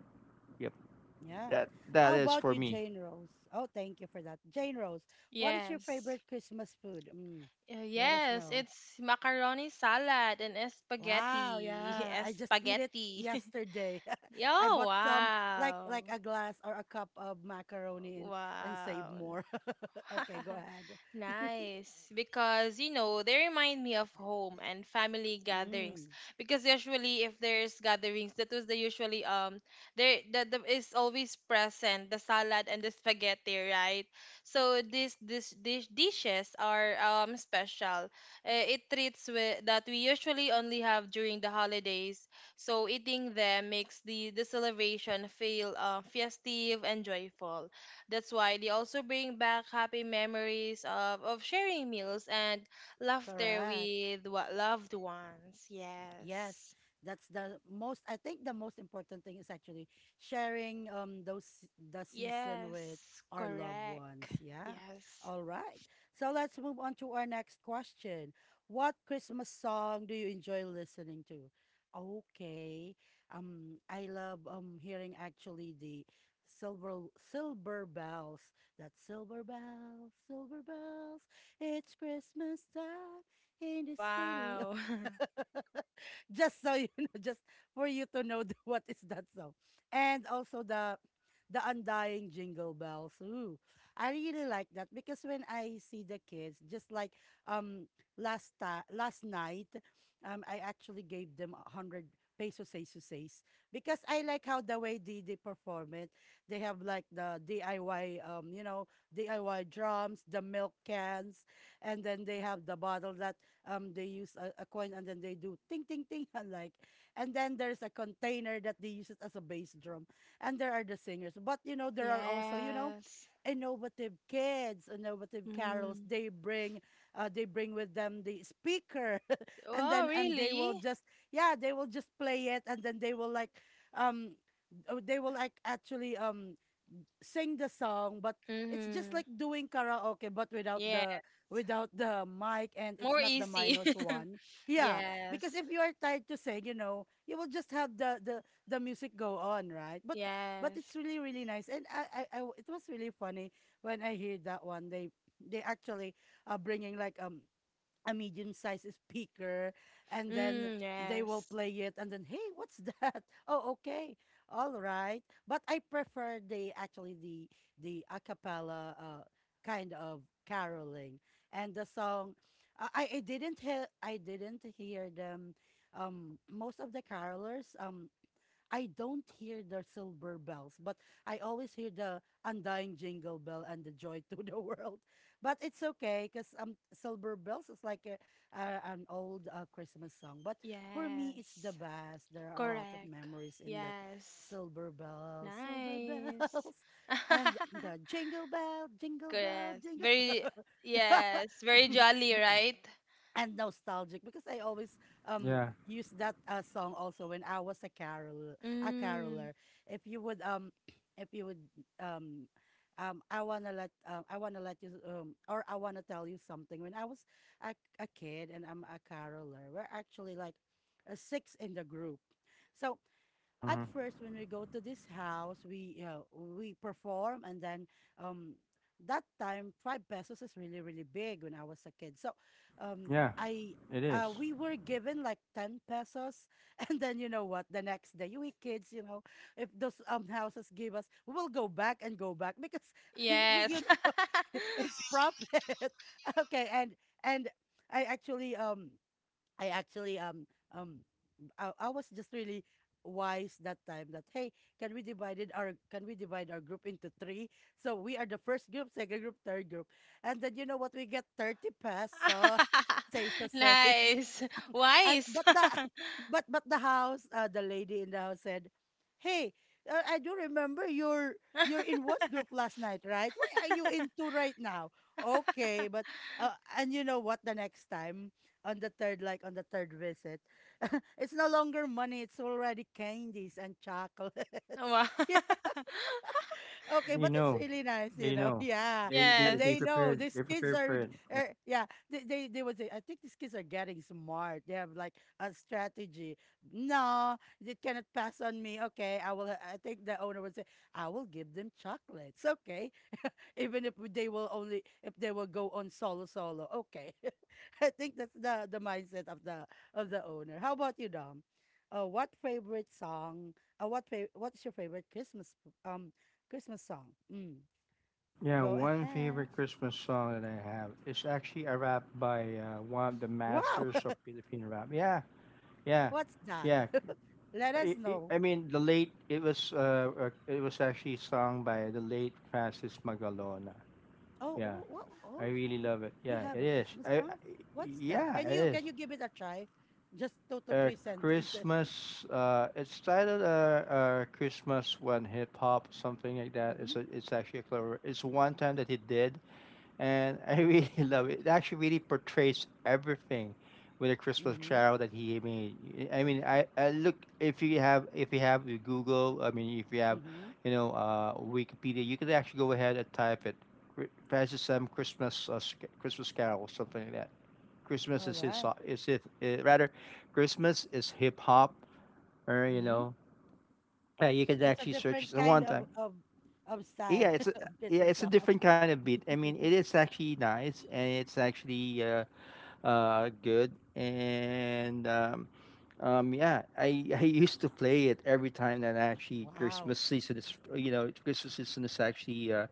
Speaker 2: Yep,
Speaker 1: Yeah.
Speaker 2: that that
Speaker 1: How
Speaker 2: is
Speaker 1: about
Speaker 2: for
Speaker 1: you,
Speaker 2: me.
Speaker 1: Jane Rose? Oh, thank you for that. Jane Rose, what is your
Speaker 3: Yes.
Speaker 1: favorite Christmas food? Mm,
Speaker 3: Uh,
Speaker 1: let us
Speaker 3: yes,
Speaker 1: know.
Speaker 3: it's macaroni salad and
Speaker 1: Wow,
Speaker 3: spaghetti.
Speaker 1: yeah. I just eat it
Speaker 3: Spaghetti.
Speaker 1: yesterday.
Speaker 3: Yo,
Speaker 1: I bought some like
Speaker 3: wow.
Speaker 1: like a glass or a cup of macaroni and and save
Speaker 3: Wow.
Speaker 1: more. Okay, go ahead.
Speaker 3: Nice, because you know they remind me of home and family gatherings.
Speaker 1: Mm,
Speaker 3: Because usually, if there's gatherings, that was the usually, um there that the, is always present the salad and the spaghetti, right? So these this dish dishes are um special. Uh, it treats with, that we usually only have during the holidays. So eating them makes the the celebration feel uh, festive and joyful. That's why they also bring back happy memories of, of sharing meals and laughter
Speaker 1: correct.
Speaker 3: with what loved ones.
Speaker 1: Yes,
Speaker 3: Yes.
Speaker 1: that's the most. I think the most important thing is actually sharing um those the season with
Speaker 3: Yes.
Speaker 1: our loved
Speaker 3: Correct.
Speaker 1: ones. Yeah.
Speaker 3: Yes.
Speaker 1: All right. So let's move on to our next question. What Christmas song do you enjoy listening to? Okay. Um, I love um hearing actually the silver silver bells. That silver bells, silver bells. It's Christmas time in the city.
Speaker 3: Wow.
Speaker 1: Just so you know, just for you to know the, what is that song. And also the the undying jingle bells. Ooh, I really like that, because when I see the kids, just like, um last ta- last night, um I actually gave them a hundred pesos say so says, because I like how the way they, they perform it. They have like the D I Y, um you know, D I Y drums, the milk cans, and then they have the bottle that um they use a, a coin and then they do ting ting ting, and like, and then there's a container that they use it as a bass drum, and there are the singers. But you know, there are also, you know,
Speaker 3: yes.
Speaker 1: innovative kids, innovative carols
Speaker 3: Mm.
Speaker 1: they bring, uh, they bring with them the speaker, and
Speaker 3: Oh,
Speaker 1: then, and they will
Speaker 3: really?
Speaker 1: just, yeah, they will just play it, and then they will like, um oh, they will like actually um sing the song, but it's just
Speaker 3: Mm-hmm.
Speaker 1: like doing karaoke but without
Speaker 3: Yeah.
Speaker 1: the, without the mic, and it's
Speaker 3: More
Speaker 1: not the
Speaker 3: easy.
Speaker 1: minus one. Yeah, because
Speaker 3: yes.
Speaker 1: if you are tired to sing, you know, you will just have the the the music go on, right? But but it's
Speaker 3: Yes.
Speaker 1: really really nice, and I I, I it was really funny when I heard that one. They they actually are bringing like um a medium sized speaker, and then
Speaker 3: Mm,
Speaker 1: they will
Speaker 3: yes.
Speaker 1: play it, and then hey what's that. Oh okay, all right. But I prefer the actually the the a cappella uh, kind of caroling. And the song, uh, I I didn't hear i didn't hear them, um most of the carolers, um I don't hear the silver bells, but I always hear the undying jingle bell and the joy to the world. But it's okay, because um, silver bells is like a, a, an old uh, Christmas song. But for me, it's the
Speaker 3: Yes.
Speaker 1: best. There are a lot of
Speaker 3: Correct.
Speaker 1: memories in that
Speaker 3: Yes.
Speaker 1: silver bells, silver
Speaker 3: Nice.
Speaker 1: bells, and the jingle bell, jingle bell,
Speaker 3: yes.
Speaker 1: jingle.
Speaker 3: Very, yes. Very jolly, right?
Speaker 1: And nostalgic, because I always um
Speaker 2: Yeah.
Speaker 1: use that uh, song also when I was a carol a
Speaker 3: Mm.
Speaker 1: caroler. If you would, um if you would, um um I wanna let, um I wanna let you, um or I wanna tell you something. When I was a, a kid and I'm a caroler, we're actually like uh, six in the group. So at
Speaker 2: hmm
Speaker 1: first when we go to this house we uh, we perform, and then um that time five pesos is really really big when I was a kid. So um
Speaker 2: Yeah,
Speaker 1: I
Speaker 2: it
Speaker 1: uh,
Speaker 2: is.
Speaker 1: we were given like ten pesos and then you know what, the next day, we kids, you know if those um houses give us, we will go back and go back because we you
Speaker 3: Yes.
Speaker 1: know it's profit. Okay, and and I actually um I actually um um I, I was just really wise that time. That, hey, can we divided our can we divide our group into three, so we are the first group, second group, third group. And then you know what, we get thirty pesos. Says to say.
Speaker 3: Nice.
Speaker 1: And
Speaker 3: Wise.
Speaker 1: but the but but the house, uh, the lady in the house said, hey, uh, I do remember you're you're in one group last night, right? Why are you in two right now? Okay. But uh, and you know what, the next time, on the third like on the third visit, it's no longer money, it's already candies and chocolates.
Speaker 3: Wow.
Speaker 1: Yeah. Okay,
Speaker 2: They
Speaker 1: but it's
Speaker 2: know.
Speaker 1: really nice, you
Speaker 2: They
Speaker 1: know.
Speaker 2: know.
Speaker 1: Yeah.
Speaker 2: They
Speaker 1: Uh,
Speaker 2: they they
Speaker 1: they
Speaker 3: Yes.
Speaker 1: know
Speaker 2: prepared.
Speaker 1: these
Speaker 2: They
Speaker 1: kids
Speaker 2: prepared
Speaker 1: are,
Speaker 2: for
Speaker 1: g-
Speaker 2: it. Yeah.
Speaker 1: er, yeah, they, they they would say, I think these kids are getting smart. They have like a strategy. No, it cannot pass on me. Okay, I will. I think the owner would say, I will give them chocolates. Okay, even if they will only if they will go on solo solo. Okay. I think that's the the mindset of the of the owner. How about you, Dom? Uh, what favorite song? Uh, what fa- what's your favorite Christmas um Christmas song? Mm,
Speaker 2: Yeah,
Speaker 1: go
Speaker 2: one
Speaker 1: ahead.
Speaker 2: favorite Christmas song that I have is actually a rap by uh, one of the
Speaker 1: Wow,
Speaker 2: masters of Philippine rap. Yeah, yeah,
Speaker 1: what's that?
Speaker 2: yeah.
Speaker 1: Let us
Speaker 2: I, I
Speaker 1: know.
Speaker 2: I mean, the late it was uh uh, it was actually sung by the late Francis Magalona.
Speaker 1: Oh,
Speaker 2: Yeah,
Speaker 1: oh, what? Oh,
Speaker 2: I really
Speaker 1: he,
Speaker 2: love it.
Speaker 1: he
Speaker 2: Yeah,
Speaker 1: have
Speaker 2: it
Speaker 1: a
Speaker 2: is.
Speaker 1: Christmas
Speaker 2: I, I
Speaker 1: song. What's that?
Speaker 2: yeah,
Speaker 1: Can you
Speaker 2: it is.
Speaker 1: can you give it a try? Just two to
Speaker 2: A
Speaker 1: three sentences.
Speaker 2: Christmas. Uh, it started a uh, Christmas when Hip Hop, something like that.
Speaker 1: Mm-hmm.
Speaker 2: It's a, it's actually a clever. It's one time that he did, and I really love it. It actually really portrays everything with a Christmas
Speaker 1: Mm-hmm.
Speaker 2: carol that he made. I mean, I, I look if you have if you have the Google. I mean, if you have,
Speaker 1: Mm-hmm.
Speaker 2: you know, uh, Wikipedia, you could actually go ahead and type it. Cri- Francis M. Christmas uh, Sc- Christmas Carol, something like that. Christmas
Speaker 1: All
Speaker 2: is his
Speaker 1: right.
Speaker 2: so- is it uh, rather Christmas is hip hop, or you
Speaker 1: Mm-hmm.
Speaker 2: know, yeah, you can
Speaker 1: That's a
Speaker 2: actually search.
Speaker 1: different
Speaker 2: It's the
Speaker 1: kind
Speaker 2: one
Speaker 1: of
Speaker 2: time
Speaker 1: of of
Speaker 2: yeah,
Speaker 1: style
Speaker 2: it's a,
Speaker 1: of
Speaker 2: yeah,
Speaker 1: Christmas
Speaker 2: it's a
Speaker 1: song.
Speaker 2: different kind of beat. I mean, it is actually nice and it's actually uh, uh, good. And um, um, yeah, I, I used to play it every time that actually
Speaker 1: Wow.
Speaker 2: Christmas season is, you know, Christmas season is actually uh,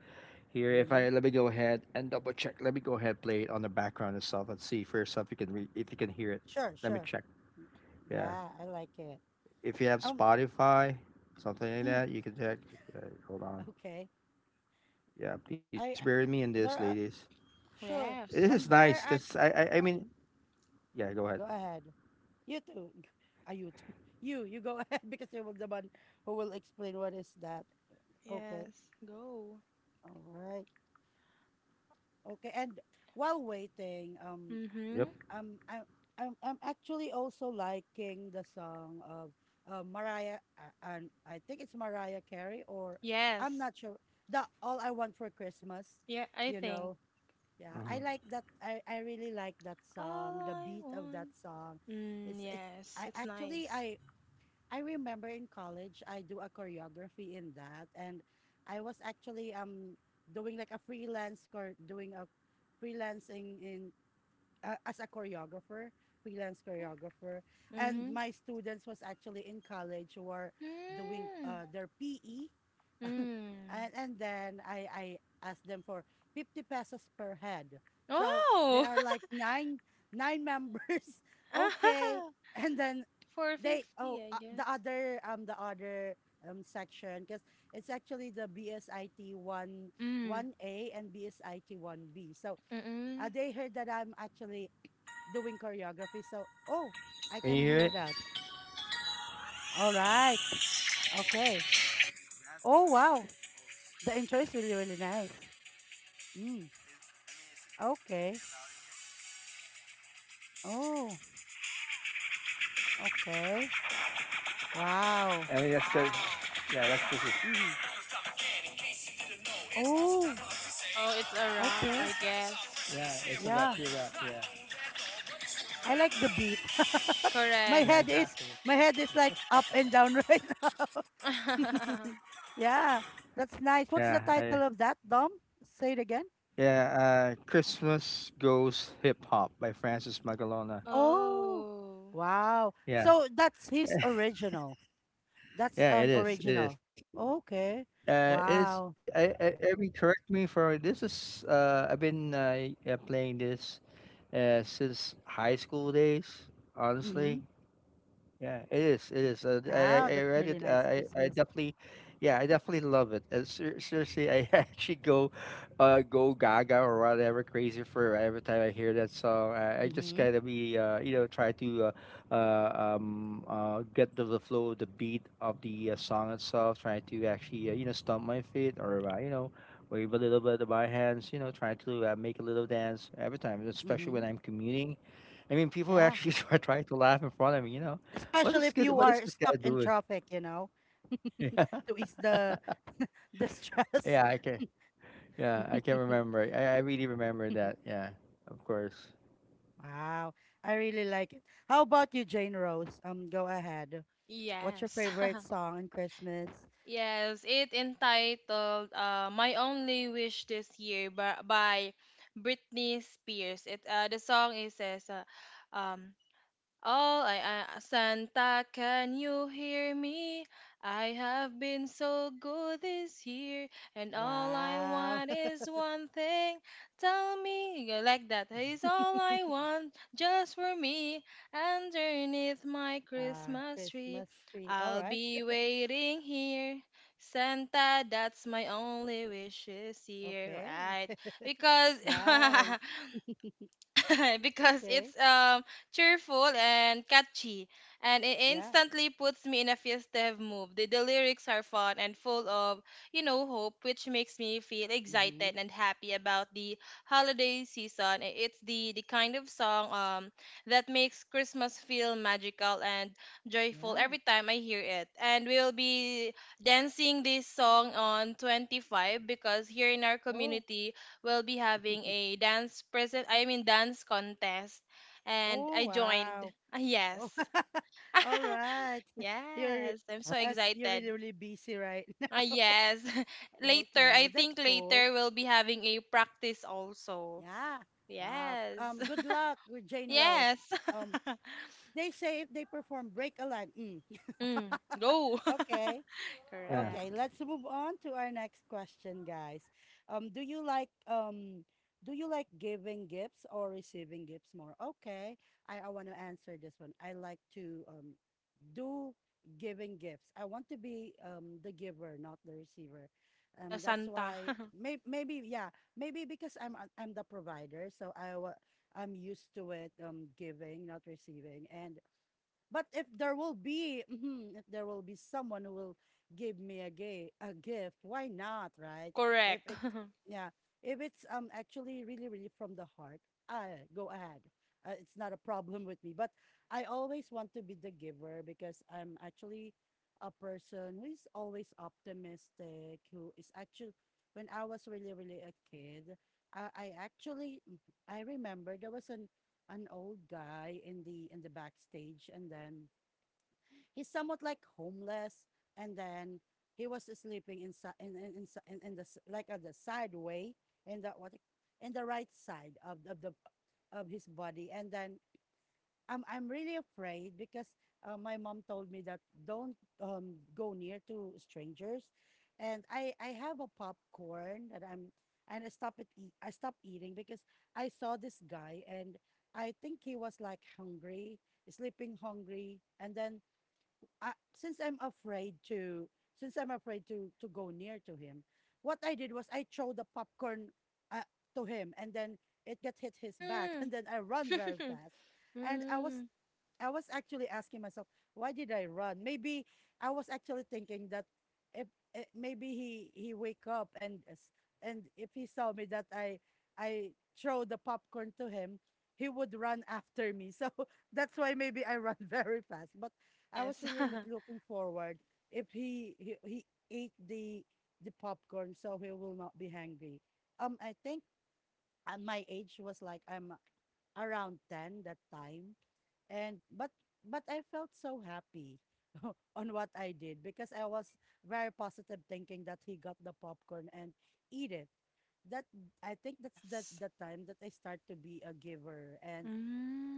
Speaker 2: here. If
Speaker 1: Mm-hmm.
Speaker 2: I let me go ahead and double check, let me go ahead play it on the background itself and see for yourself you can re- if you can hear it.
Speaker 1: Sure,
Speaker 2: Let me
Speaker 1: sure.
Speaker 2: check. Yeah,
Speaker 1: Yeah, I like it.
Speaker 2: if you have
Speaker 1: Um,
Speaker 2: Spotify, something like
Speaker 1: mm,
Speaker 2: that, you can check. Yeah, hold on.
Speaker 1: okay.
Speaker 2: Yeah, please
Speaker 1: I I-
Speaker 2: bear with me in
Speaker 1: there
Speaker 2: this,
Speaker 1: are
Speaker 2: ladies.
Speaker 1: sure.
Speaker 2: This
Speaker 3: Yes.
Speaker 1: Um.
Speaker 2: is
Speaker 1: There are.
Speaker 2: nice
Speaker 1: Act-
Speaker 2: because I, I I
Speaker 1: hmm
Speaker 2: mean yeah
Speaker 1: Go
Speaker 2: go ahead
Speaker 1: ahead. You too. Are you too? You you go ahead because you were the one who will explain what is that. Okay.
Speaker 3: Yes. Go.
Speaker 1: All right. Okay. And while waiting, um,
Speaker 3: Mm-hmm.
Speaker 2: yep
Speaker 1: um I'm I'm I'm actually also liking the song of uh, Mariah, uh, and I think it's Mariah Carey, or I'm
Speaker 3: Yes.
Speaker 1: not sure, the All I Want for Christmas,
Speaker 3: Yeah, I
Speaker 1: you
Speaker 3: think.
Speaker 1: know. Yeah, I like
Speaker 2: uh-huh.
Speaker 1: that. I I really like that song.
Speaker 3: All
Speaker 1: The
Speaker 3: I
Speaker 1: beat of that
Speaker 3: want.
Speaker 1: song,
Speaker 3: Mm,
Speaker 1: it's it's.
Speaker 3: yes.
Speaker 1: I
Speaker 3: It's
Speaker 1: actually
Speaker 3: nice.
Speaker 1: I I remember in college I do a choreography in that, and I was actually um doing like a freelance, or doing a freelancing in, uh, as a choreographer, freelance
Speaker 3: Mm-hmm.
Speaker 1: choreographer. And
Speaker 3: Mm-hmm.
Speaker 1: my students was actually in college who are doing
Speaker 3: Mm.
Speaker 1: uh, their P E. And,
Speaker 3: Mm.
Speaker 1: and then I, I asked them for fifty pesos per head. So there
Speaker 3: Oh.
Speaker 1: are like nine, nine members. Okay.
Speaker 3: Ah,
Speaker 1: And then they, oh,
Speaker 3: four fifty, I
Speaker 1: uh, the
Speaker 3: guess.
Speaker 1: other, um, the other um, section, because it's actually the B S I T one,
Speaker 3: Mm.
Speaker 1: one A and B S I T one B. So
Speaker 3: Mm-mm.
Speaker 1: uh, they heard that I'm actually doing choreography. So, oh, I
Speaker 2: Can
Speaker 1: can
Speaker 2: you hear
Speaker 1: hear
Speaker 2: it?
Speaker 1: that. All right. Okay. Oh, wow. The intro is really, really nice. Mm. Okay. Oh, okay. Wow.
Speaker 2: I mean that's the yeah that's this is
Speaker 1: Hmm. Oh,
Speaker 3: Oh, it's a rock,
Speaker 1: okay.
Speaker 3: I guess.
Speaker 2: yeah, it's a
Speaker 1: Yeah.
Speaker 2: rap, pure rap, yeah.
Speaker 1: I like the beat. my
Speaker 3: Correct.
Speaker 1: head
Speaker 2: Yeah
Speaker 1: is
Speaker 2: exactly.
Speaker 1: my head is like up and down right now. Yeah. That's nice. What's the
Speaker 2: yeah
Speaker 1: title
Speaker 2: I,
Speaker 1: of that, Dom? Say it again.
Speaker 2: yeah uh Christmas goes hip hop by Francis Magalona.
Speaker 1: Oh,
Speaker 3: Oh.
Speaker 1: wow.
Speaker 2: Yeah.
Speaker 1: So that's his original. That's
Speaker 2: Yeah,
Speaker 1: an
Speaker 2: it is. It
Speaker 1: original.
Speaker 2: is
Speaker 1: Okay.
Speaker 2: uh it's
Speaker 1: Wow.
Speaker 2: it, I, I I mean correct me for this is uh I've been uh, uh, playing this uh since high school days
Speaker 1: Mm-hmm.
Speaker 2: honestly. Yeah, it is. It is. Uh, I
Speaker 1: Yeah,
Speaker 2: I I
Speaker 1: that's
Speaker 2: read
Speaker 1: really
Speaker 2: it. Uh,
Speaker 1: nice
Speaker 2: I I
Speaker 1: Christmas.
Speaker 2: definitely, yeah, I definitely love it. And ser seriously, I actually go, uh, go gaga or whatever crazy for every time I hear that song. I, I just
Speaker 1: Mm-hmm.
Speaker 2: kind of be, uh, you know, try to, uh, uh, um, uh, get the, the flow, the beat of the uh, song itself. Trying to actually, uh, you know, stomp my feet or uh, you know, wave a little bit of my hands. You know, trying to uh, make a little dance every time, especially
Speaker 1: Mm-hmm.
Speaker 2: when I'm commuting. I mean, people
Speaker 1: Yeah.
Speaker 2: actually were trying to laugh in front of me, you know. What
Speaker 1: Especially
Speaker 2: is
Speaker 1: if
Speaker 2: this?
Speaker 1: you
Speaker 2: What is
Speaker 1: are
Speaker 2: this
Speaker 1: stuck
Speaker 2: guy
Speaker 1: in
Speaker 2: doing?
Speaker 1: traffic, you know,
Speaker 2: Yeah,
Speaker 1: to ease the the stress.
Speaker 2: yeah, I can. Yeah, I can remember. I, I really remember that. Yeah, of course.
Speaker 1: Wow. I really like it. How about you, Jane Rose? Um, go ahead. What's your
Speaker 3: Yes.
Speaker 1: favorite song in Christmas?
Speaker 3: yes, it entitled uh, My Only Wish This Year by, by Britney Spears. It, uh, the song is says, uh, um oh, I, a- Santa, can you hear me? I have been so good this year, and all I
Speaker 1: Wow.
Speaker 3: want is one thing. Tell me, you like that is all I want, just for me. Underneath my
Speaker 1: Ah,
Speaker 3: Christmas tree,
Speaker 1: Christmas tree. All
Speaker 3: I'll
Speaker 1: right.
Speaker 3: be waiting here. Santa, that's my only wish this year,
Speaker 1: Okay.
Speaker 3: right? Because
Speaker 1: Nice.
Speaker 3: because
Speaker 1: Okay.
Speaker 3: it's um cheerful and catchy, and it
Speaker 1: Yeah.
Speaker 3: instantly puts me in a festive mood. The, the lyrics are fun and full of, you know, hope, which makes me feel
Speaker 1: Mm-hmm.
Speaker 3: excited and happy about the holiday season. I- It's the the kind of song um that makes Christmas feel magical and joyful
Speaker 1: Yeah.
Speaker 3: every time I hear it. And we'll be dancing this song on twenty-five, because here in our
Speaker 1: Oh.
Speaker 3: community will be having a dance present, I mean dance contest, and
Speaker 1: Oh,
Speaker 3: I joined.
Speaker 1: wow.
Speaker 3: Ah, yes.
Speaker 1: Oh. All right. You're
Speaker 3: yes, I'm so
Speaker 1: As you're
Speaker 3: excited.
Speaker 1: really, really busy right
Speaker 3: Ah,
Speaker 1: now.
Speaker 3: yes. later, I
Speaker 1: Okay, that's
Speaker 3: think
Speaker 1: cool.
Speaker 3: later we'll be having a practice also.
Speaker 1: Yeah. Wow.
Speaker 3: Yes.
Speaker 1: Um, good luck with Jane Rose.
Speaker 3: yes.
Speaker 1: Um, they say if they perform, Break a Leg. Mm.
Speaker 3: mm, go.
Speaker 1: Okay.
Speaker 2: Yeah.
Speaker 3: Correct.
Speaker 1: Okay, let's move on to our next question, guys. Um, do you like um do you like giving gifts or receiving gifts more? Okay, I, I want to answer this one. I like to um do giving gifts. I want to be um the giver, not the receiver. Um,
Speaker 3: The
Speaker 1: that's
Speaker 3: Santa.
Speaker 1: why may, maybe, yeah, maybe because I'm I'm the provider, so I wa- I'm used to it, um giving, not receiving. And but if there will be, mhm, if there will be someone who will give me a gay a gift, why not, right? If
Speaker 3: Correct.
Speaker 1: it, yeah, if it's um actually really really from the heart, I go ahead. Uh, it's not a problem with me. But I always want to be the giver because I'm actually a person who is always optimistic. Who is actually when I was really really a kid, I, I actually mm-hmm, I remember there was an an old guy in the in the backstage, and then he's somewhat like homeless. And then he was sleeping inside in in, in, si- in, in the s- like on the side way, in the what, in the right side of of the of his body. And then I'm I'm really afraid because uh, my mom told me that don't um, go near to strangers, and I I have a popcorn that I'm and I stop it eat, I stopped eating because I saw this guy, and I think he was like hungry, sleeping hungry. And then I, since I'm afraid to since I'm afraid to to go near to him, what I did was I throw the popcorn, uh, to him, and then it got hit his back.
Speaker 3: mm.
Speaker 1: And then I run very fast, and I was
Speaker 3: mm.
Speaker 1: I was actually asking myself, why did I run? Maybe I was actually thinking that, if, eh, maybe he he wake up and s- and if he saw me that I I throw the popcorn to him, he would run after me. So that's why maybe I run very fast. But I was
Speaker 3: Yes.
Speaker 1: really look- looking forward if he he, he ate the the popcorn, so he will not be hungry. Um, I think at my age was like I'm uh, around ten that time. And but but I felt so happy on what I did, because I was very positive thinking that he got the popcorn and eat it. That, I think that's the
Speaker 3: yes.
Speaker 1: the time that I start to be a giver. And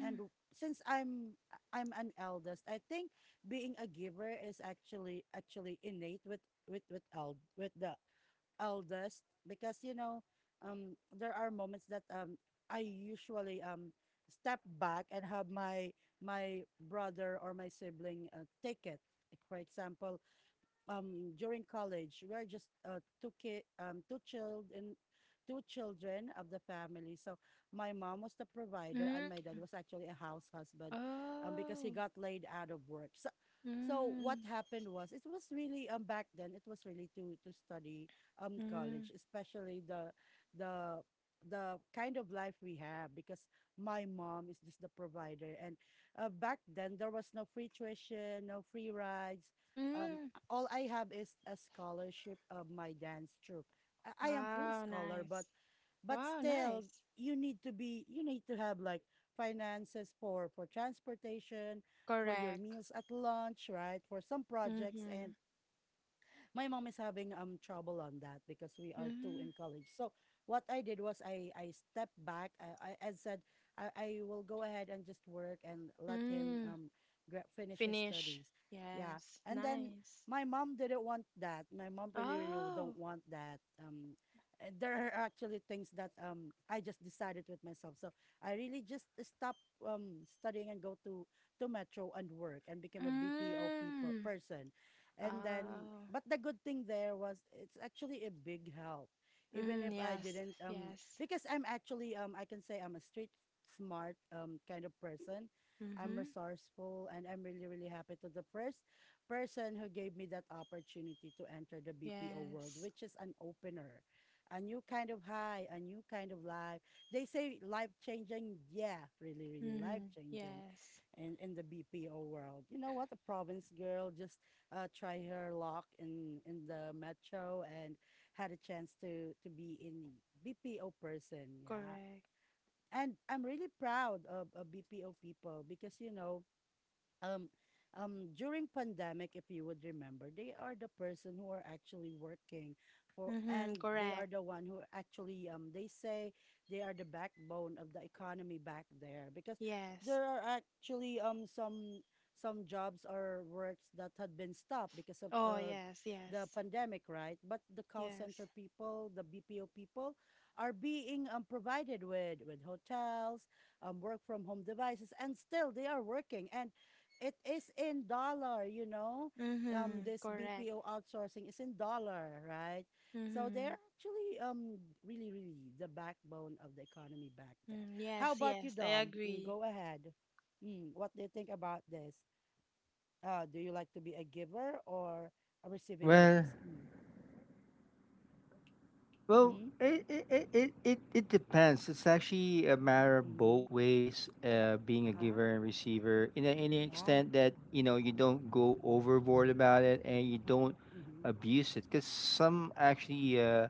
Speaker 1: and since i'm i'm an eldest, I think being a giver is actually actually innate with with with eld with the eldest. Because you know, um there are moments that um i usually um step back and have my my brother or my sibling uh, take it. Like for example, um during college we are just uh, two kid um two children two children of the family. So my mom was the provider and
Speaker 3: Mm.
Speaker 1: my dad was actually a house husband, um because he
Speaker 3: Oh.
Speaker 1: got laid out of work. So so what
Speaker 3: Mm.
Speaker 1: happened was, it was really um back then it was really to to study um college,
Speaker 3: Mm.
Speaker 1: especially the the the kind of life we have. Because my mom is just the provider, and uh, back then there was no free tuition, no free rides. um
Speaker 3: Mm.
Speaker 1: all I have is a scholarship of my dance troupe. I, I am full
Speaker 3: Wow,
Speaker 1: scholar, but
Speaker 3: nice.
Speaker 1: but
Speaker 3: Wow,
Speaker 1: still
Speaker 3: nice.
Speaker 1: you need to be you need to have like finances for for transportation, for your
Speaker 3: Correct.
Speaker 1: meals at lunch, right? For some projects. And
Speaker 3: Mm-hmm.
Speaker 1: my mom is having um trouble on that because we are two in
Speaker 3: Mm-hmm.
Speaker 1: college. So what I did was, I I stepped back. I I, I said, I, I will go ahead and just work and let him
Speaker 3: Mm.
Speaker 1: um gra- finish his
Speaker 3: Finish.
Speaker 1: studies. Yeah.
Speaker 3: Yes.
Speaker 1: And then
Speaker 3: Nice.
Speaker 1: my mom didn't want that. My mom really really don't
Speaker 3: Oh.
Speaker 1: want that. Um, uh, there are actually things that um I just decided with myself. So I really just stopped um studying and go to to Metro and work and became a B P O people
Speaker 3: Mm.
Speaker 1: person. And then,
Speaker 3: Oh.
Speaker 1: but the good thing there was, it's actually a big help, even if
Speaker 3: Mm.
Speaker 1: I
Speaker 3: Yes.
Speaker 1: didn't. Um
Speaker 3: Yes.
Speaker 1: because I'm actually, um I can say I'm a street smart um kind of person. I'm
Speaker 3: Mm-hmm.
Speaker 1: resourceful, and I'm really really happy to the first person who gave me that opportunity to enter the B P O world,
Speaker 3: Yes.
Speaker 1: which is an opener, a new kind of high, a new kind of life. They say life changing, yeah, really really life
Speaker 3: Mm-hmm.
Speaker 1: changing,
Speaker 3: Yes.
Speaker 1: and in the B P O world. You know what, a province girl just uh, try her luck in in the metro and had a chance to to be in B P O person. Yeah,
Speaker 3: Correct.
Speaker 1: and I'm really proud of, of B P O people because you know um um during pandemic, if you would remember, they are the person who are actually working for,
Speaker 3: Mm-hmm.
Speaker 1: and they are
Speaker 3: Correct.
Speaker 1: the one who actually um they say they are the backbone of the economy back there, because there
Speaker 3: Yes.
Speaker 1: are actually um some some jobs or works that had been stopped because of
Speaker 3: Oh,
Speaker 1: uh
Speaker 3: yes.
Speaker 1: the
Speaker 3: Yes.
Speaker 1: pandemic, right? But the call center
Speaker 3: Yes.
Speaker 1: people, the B P O people are being um provided with with hotels, um work from home devices, and still they are working, and it is in dollar, you know. Um,
Speaker 3: Mm-hmm.
Speaker 1: this
Speaker 3: Correct.
Speaker 1: B P O outsourcing is in dollar, right? So
Speaker 3: Mm-hmm.
Speaker 1: they're actually um really, really the backbone of the economy back there.
Speaker 3: Mm,
Speaker 1: How
Speaker 3: yes,
Speaker 1: about you,
Speaker 3: yes, I
Speaker 1: Dom? Mm,
Speaker 3: agree.
Speaker 1: go ahead. Mm, what do you think about this? Uh, do you like to be a giver or a receiving
Speaker 2: Well,
Speaker 1: gifts? Mm.
Speaker 2: Well,
Speaker 1: Mm-hmm.
Speaker 2: it it, it, it it it depends. It's actually a matter of
Speaker 1: Mm-hmm.
Speaker 2: both ways, uh, being a
Speaker 1: Uh-huh.
Speaker 2: giver and receiver, in a, in an
Speaker 1: Yeah.
Speaker 2: extent that you know you don't go overboard about it and you don't
Speaker 1: Mm-hmm.
Speaker 2: abuse it, because some actually uh,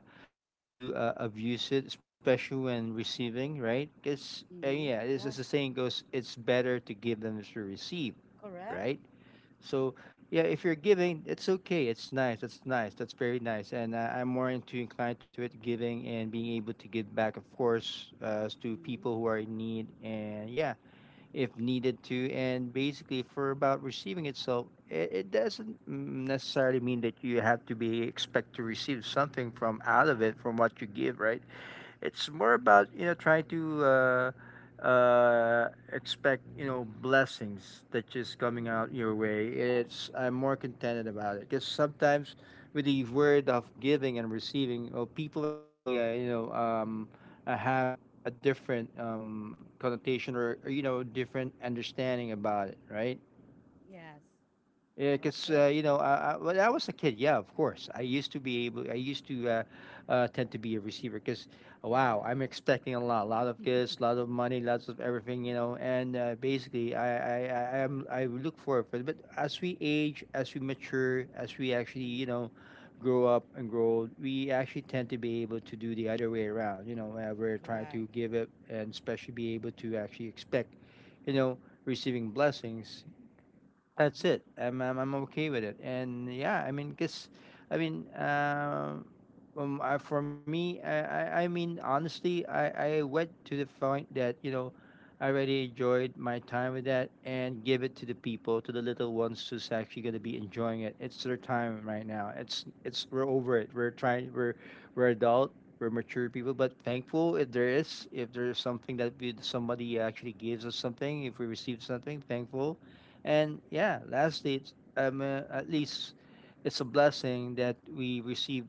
Speaker 2: do uh, abuse it, especially when receiving, right? Because uh,
Speaker 1: Mm-hmm.
Speaker 2: yeah, as, as the
Speaker 1: Yeah.
Speaker 2: saying goes, it's better to give than to receive,
Speaker 1: Correct.
Speaker 2: right? So, yeah, if you're giving, it's okay. It's nice. It's nice. That's very nice. And I, I'm more into inclined to it, giving and being able to give back, of course, uh, to
Speaker 1: Mm-hmm.
Speaker 2: people who are in need. And yeah, if needed to. And basically, for about receiving itself, it, it doesn't necessarily mean that you have to be expect to receive something from out of
Speaker 1: Yeah.
Speaker 2: it from what you give, right? It's more about you know trying to uh, uh, expect you know blessings that just coming out
Speaker 1: Mm-hmm.
Speaker 2: your way. It's I'm more contented about it because sometimes with the word of giving and receiving, oh, people actually uh, you know
Speaker 1: Mm-hmm.
Speaker 2: um, uh, have a different um, connotation or, or you know different understanding about it, right?
Speaker 1: Yes.
Speaker 2: Yeah, because uh,
Speaker 1: Okay.
Speaker 2: you know, uh, uh, when I was a kid, yeah, of course, I used to be able, I used to uh, uh, tend to be a
Speaker 1: Mm,
Speaker 2: receiver because, wow,
Speaker 1: yeah.
Speaker 2: I'm expecting a lot, a lot of gifts, a lot of money, lots of everything, you know, and uh, basically, I, I, I, I am, I look forward for it. But as we age, as we mature, as we actually, you
Speaker 1: Mm-hmm.
Speaker 2: know, grow up and grow old, we actually tend to be able to do the other way around. You know, uh, we're trying to
Speaker 1: Correct.
Speaker 2: give it, and especially be able to actually expect, you know, receiving blessings that's
Speaker 1: Mm-hmm.
Speaker 2: it. I'm, I'm I'm okay with it, and yeah, I mean, cause, I mean, um, um uh, for me, I, I I mean, honestly, I I went to the point that you know, I already enjoyed my time with that, and give it to the people, to the little ones who's actually gonna be
Speaker 1: Mm-hmm.
Speaker 2: enjoying it. It's their time right now. It's it's we're over it. We're trying. We're we're adult. We're mature people, but thankful if there is if there's something that we, somebody actually gives us something, if we receive something, thankful and yeah, lastly, it's, um, uh, at
Speaker 1: Mm-hmm.
Speaker 2: least it's a blessing that we receive,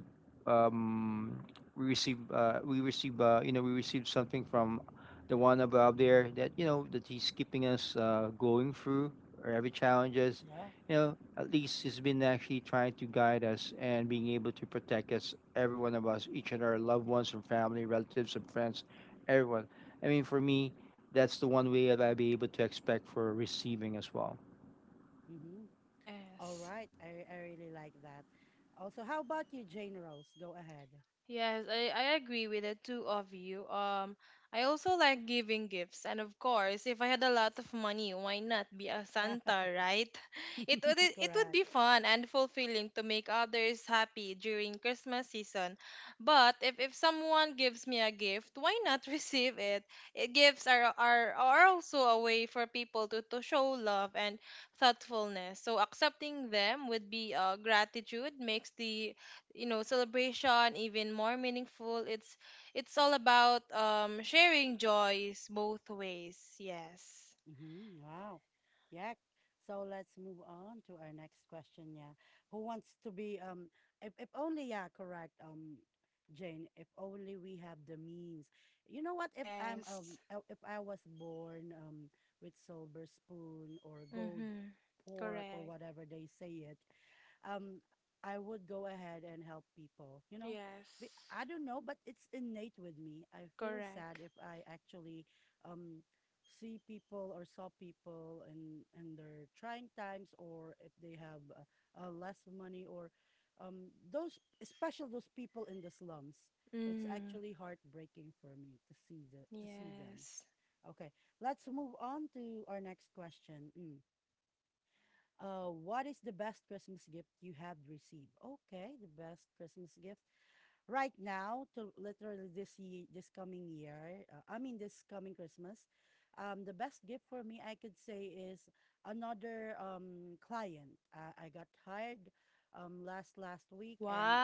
Speaker 2: um, we receive, uh, we receive, uh, you know, we receive something from the one above there that you know that he's keeping us uh, going through every challenges.
Speaker 1: Yeah.
Speaker 2: You know, at least he's been actually trying to guide us and being able to protect us, every one of us, each and our loved ones and family, relatives and friends, everyone. I mean, for me, that's the one way that I'll be able to expect for receiving as well.
Speaker 1: Mm-hmm. All
Speaker 3: Yes.
Speaker 1: right. I I really like that. Also, how about you, Jane Rose? Go ahead.
Speaker 3: Yes, I, I agree with the two of you. Um, I also like giving gifts, and of course, if I had a lot of money, why not be a
Speaker 1: Yeah.
Speaker 3: Santa, right? It would it would
Speaker 1: Correct.
Speaker 3: be fun and fulfilling to make others happy during Christmas season. But if, if someone gives me a gift, why not receive it? Eh, gifts are are, are also a way for people to, to show love and thoughtfulness. So accepting them would be, uh, gratitude makes the, you know celebration even more meaningful. it's it's all about um sharing joys both ways. Yes.
Speaker 1: Mm-hmm. Wow. Yeah. So let's move on to our next question. Yeah. Who wants to be um if, if only, yeah, correct. Um Jane, if only we have the means. You know what? If I'm
Speaker 3: Yes.
Speaker 1: um uh, if I was born um with silver spoon or gold
Speaker 3: Mhm.
Speaker 1: pork or
Speaker 3: Correct.
Speaker 1: whatever they say it, um I would go ahead and help people. You know, Be-
Speaker 3: Yes.
Speaker 1: I don't know, but it's innate with me. I feel
Speaker 3: Correct.
Speaker 1: sad if I actually um see people or saw people in in their trying times, or if they have uh, uh, less money, or um those, especially those people in the slums. It's
Speaker 3: Mhm.
Speaker 1: actually heartbreaking for me to see the to see them.
Speaker 3: Yes.
Speaker 1: Okay, let's move on to our next question. Mm. Uh, what is the best Christmas gift you have received? Okay, the best Christmas gift right now to literally this year, this coming year, uh, I mean this coming Christmas, um, the best gift for me I could say is another um client. I, I got hired um last last week, and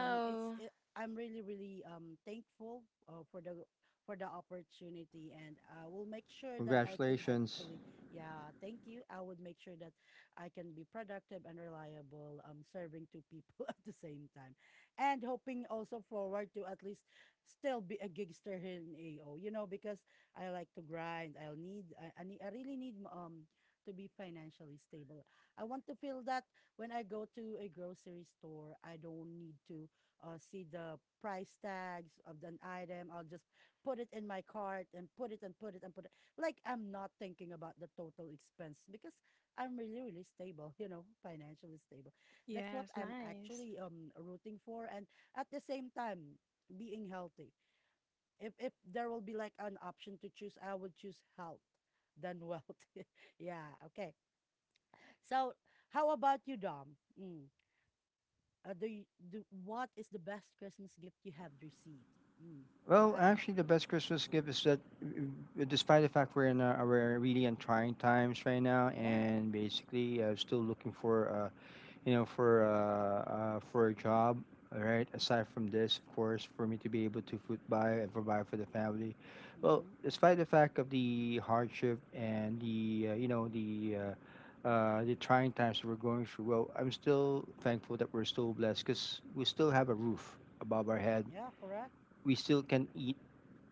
Speaker 1: um it's it, I'm really really um thankful uh, for the for the opportunity, and I will make sure that I could
Speaker 2: Congratulations.
Speaker 1: actually, yeah, thank you, I would make sure that I can be productive and reliable, um serving two people at the same time, and hoping also forward to at least still be a gigster here in A O, you know, because I like to grind. I'll need, I, I, need, I really need um to be financially stable. I want to feel that when I go to a grocery store, I don't need to uh, see the price tags of an item. I'll just put it in my cart, and put it, and put it, and put it. Like, I'm not thinking about the total expense because I'm really, really stable, you know, financially stable. That's what
Speaker 3: Yes,
Speaker 1: I'm
Speaker 3: nice.
Speaker 1: actually um rooting for, and at the same time being healthy. If if there will be like an option to choose, I would choose health than wealth. Yeah, okay. So, how about you, Dom? Mm. Uh, do you, do what is the best Christmas gift you have received? Mm. Go
Speaker 2: Well,
Speaker 1: ahead.
Speaker 2: actually, the best Christmas gift is that, uh, despite the fact we're in a, we're really in trying times right now,
Speaker 1: Yeah.
Speaker 2: and basically, uh, still looking for uh, you know for uh, uh, for a job. All right. Aside from this, of course, for me to be able to food buy and provide for the family. Well,
Speaker 1: Mm-hmm.
Speaker 2: despite the fact of the hardship and the uh, you know the uh, uh, the trying times that we're going through, well, I'm still thankful that we're still blessed because we still have a roof above our head,
Speaker 1: Yeah, correct.
Speaker 2: we still can eat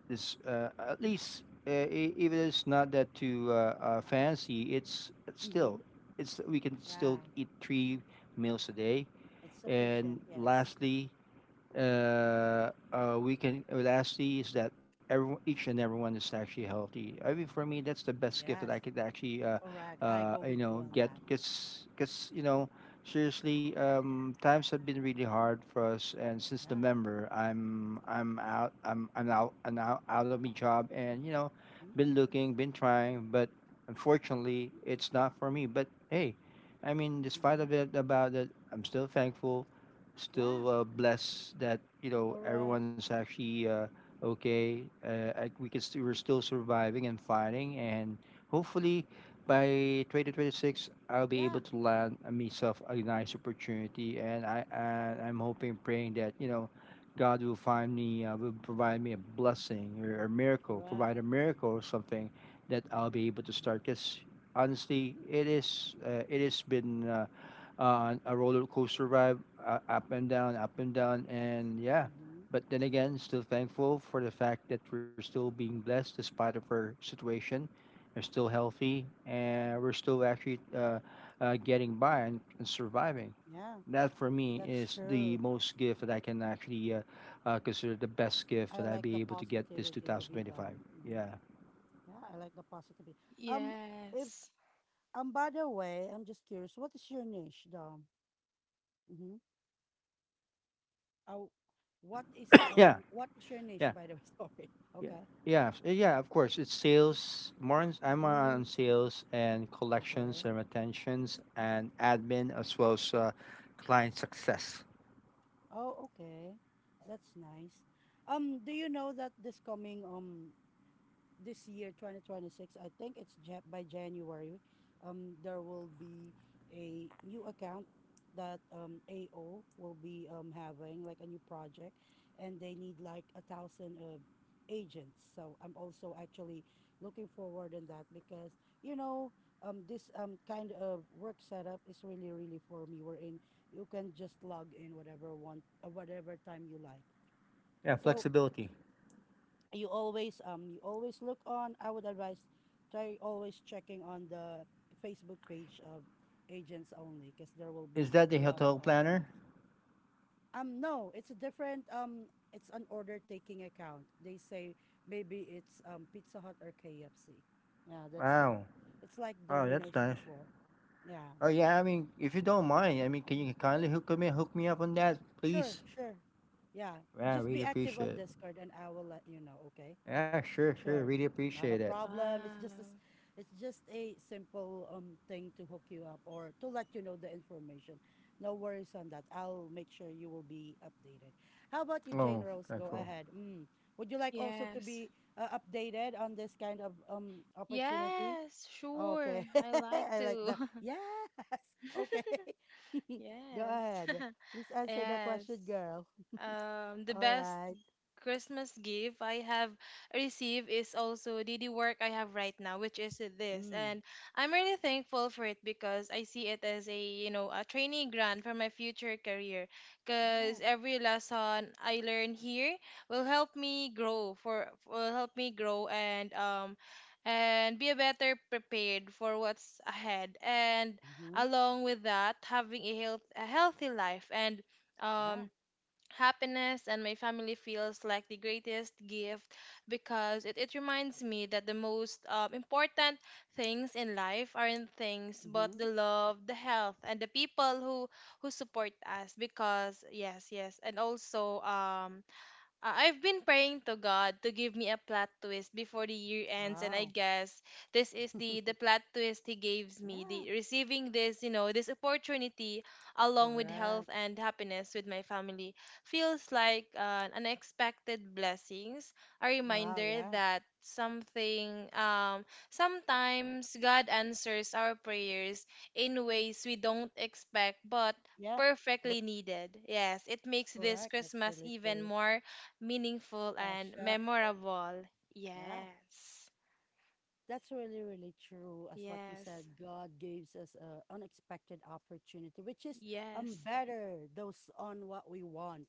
Speaker 2: this, uh, at least, uh, I- if it's not that too uh, uh, fancy, it's it's
Speaker 1: Mm-hmm.
Speaker 2: still, it's we can still
Speaker 1: Yeah.
Speaker 2: eat three meals a day,
Speaker 1: It's
Speaker 2: and
Speaker 1: sufficient. Yes.
Speaker 2: lastly, uh, uh, we can, uh, lastly is that everyone, each and everyone is actually healthy. I mean, for me, that's the best gift that I
Speaker 1: Yes.
Speaker 2: could actually, uh,
Speaker 1: Correct. I
Speaker 2: uh,
Speaker 1: go
Speaker 2: you
Speaker 1: with
Speaker 2: know,
Speaker 1: you on
Speaker 2: get.
Speaker 1: that.
Speaker 2: Cause, cause you know, seriously, um, times have been really hard for us, and since
Speaker 1: Yeah.
Speaker 2: November, I'm, I'm out, I'm, I'm out, I'm out, out of my job, and you know,
Speaker 1: Mm-hmm.
Speaker 2: been looking, been trying, but unfortunately, it's not for me. But hey, I mean, despite
Speaker 1: Mm-hmm.
Speaker 2: of it, about it, I'm still thankful,
Speaker 1: Yeah.
Speaker 2: still uh, blessed that you know
Speaker 1: Correct.
Speaker 2: everyone's actually uh, okay. Uh, I, we can st- we're still surviving and fighting, and hopefully by twenty twenty-six I'll be able
Speaker 1: Yeah.
Speaker 2: to land uh, myself a nice opportunity. And I and I'm hoping, praying that you know God will find me, uh, will provide me a blessing or a miracle,
Speaker 1: Correct.
Speaker 2: provide a miracle or something that I'll be able to start. Because honestly, it is uh, it has been. Uh, uh, a roller coaster ride, uh, up and down, up and down, and yeah.
Speaker 1: Mm-hmm.
Speaker 2: But then again, still thankful for the fact that we're still being blessed despite of our situation. We're still healthy, and we're still actually uh, uh, getting by and, and surviving.
Speaker 1: Yeah,
Speaker 2: That for me
Speaker 1: that's
Speaker 2: is the
Speaker 1: true.
Speaker 2: most gift that I can actually uh, uh, consider the best gift
Speaker 1: I
Speaker 2: that I
Speaker 1: like
Speaker 2: be
Speaker 1: the
Speaker 2: able to get this
Speaker 1: positivity of you,
Speaker 2: two thousand twenty-five.
Speaker 1: Dom. Mm-hmm.
Speaker 2: Yeah,
Speaker 1: Yeah, I like the positivity. Um, if
Speaker 3: Yes.
Speaker 1: um, by the way, I'm just curious. What is your niche, Dom? Mm-hmm. Oh, what is
Speaker 2: yeah,
Speaker 1: um, what is your niche,
Speaker 2: yeah.
Speaker 1: by the way? Sorry.
Speaker 2: Yeah.
Speaker 1: Okay.
Speaker 2: Yeah, s- eh, yeah, of course. It's sales. More on, I'm on
Speaker 1: Mm,
Speaker 2: sales and collections
Speaker 1: okay.
Speaker 2: and retentions and admin as well as uh, client success.
Speaker 1: Oh, okay. That's nice. Um, do you know that this coming um this year twenty twenty-six, I think it's ja- by January, um there will be a new account that um AO will be um having, like, a new project, and they need, like, a thousand uh, agents. So I'm also actually looking forward in that, because you know um this um kind of work setup is really really for me, wherein you can just log in whatever want, uh, whatever time you like.
Speaker 2: Yeah,
Speaker 1: So
Speaker 2: flexibility.
Speaker 1: you always, um you always look on, I would advise, try always checking on the Facebook page of Agents Only, because there will be
Speaker 2: Is that the
Speaker 1: a lot of
Speaker 2: hotel planner?
Speaker 1: openings. Um no, it's a different, um it's an order taking account, they say. Maybe it's um Pizza Hut or KFC. Yeah, that's it.
Speaker 2: Wow.
Speaker 1: It's like
Speaker 2: Oh, that's
Speaker 1: Domino's
Speaker 2: nice.
Speaker 1: before. Yeah.
Speaker 2: Oh yeah, I mean, if you don't mind, I mean, can you kindly hook me hook me up on that,
Speaker 1: Sure,
Speaker 2: please?
Speaker 1: sure. Yeah,
Speaker 2: Yeah, I
Speaker 1: just be
Speaker 2: really
Speaker 1: active
Speaker 2: appreciate
Speaker 1: on
Speaker 2: it.
Speaker 1: Discord, and I will let you know. Okay.
Speaker 2: Yeah, sure, sure,
Speaker 1: Sure.
Speaker 2: really
Speaker 1: Not
Speaker 2: appreciate
Speaker 1: a
Speaker 2: it.
Speaker 1: problem. It's
Speaker 3: Wow.
Speaker 1: just a, s- it's just a simple um thing to hook you up, or to let you know the information. No worries on that. I'll make sure you will be updated. How about you, Jane
Speaker 2: Oh,
Speaker 1: Rose? Go
Speaker 2: thankful.
Speaker 1: ahead. Mm. Would you like also to
Speaker 3: Yes.
Speaker 1: be uh, updated on this kind of um opportunity?
Speaker 3: Yes, sure,
Speaker 1: Okay.
Speaker 3: I like
Speaker 1: I like
Speaker 3: to.
Speaker 1: that. Yes. Okay. Go
Speaker 3: yes.
Speaker 1: ahead. Please answer the
Speaker 3: yes.
Speaker 1: question, girl.
Speaker 3: Um, the
Speaker 1: All
Speaker 3: best
Speaker 1: right.
Speaker 3: Christmas gift I have received is also the, the work I have right now, which is this.
Speaker 1: Mm.
Speaker 3: And I'm really thankful for it because I see it as a, you know, a training ground for my future career. Because
Speaker 1: Yes.
Speaker 3: every lesson I learn here will help me grow for, will help me grow, and, um, and be a better prepared for what's ahead. And
Speaker 1: Mm-hmm.
Speaker 3: along with that, having a health, a healthy life, and,
Speaker 1: Yeah.
Speaker 3: um, happiness and my family feels like the greatest gift, because it, it reminds me that the most, um, important things in life aren't things, but
Speaker 1: Mm-hmm.
Speaker 3: the love, the health, and the people who who support us, because yes, yes, and also, um I- I've been praying to God to give me a plot twist before the year ends, and I
Speaker 1: Wow.
Speaker 3: guess this is the the plot twist He gives me.
Speaker 1: Yeah,
Speaker 3: The receiving this, you know, this opportunity along with health
Speaker 1: correct.
Speaker 3: and happiness with my family feels like an unexpected blessings, a
Speaker 1: Wow,
Speaker 3: reminder
Speaker 1: yeah.
Speaker 3: that something, um sometimes God answers our prayers in ways we don't expect, but
Speaker 1: Yeah, true,
Speaker 3: perfectly needed. Yes, it makes this
Speaker 1: correct. That's
Speaker 3: Christmas
Speaker 1: really
Speaker 3: even
Speaker 1: true.
Speaker 3: more meaningful and
Speaker 1: Special.
Speaker 3: memorable.
Speaker 1: Yeah,
Speaker 3: Yes.
Speaker 1: that's really, really true. As what you said,
Speaker 3: Yes.
Speaker 1: God gives us an unexpected opportunity, which is um
Speaker 3: Yes.
Speaker 1: better those on what we want.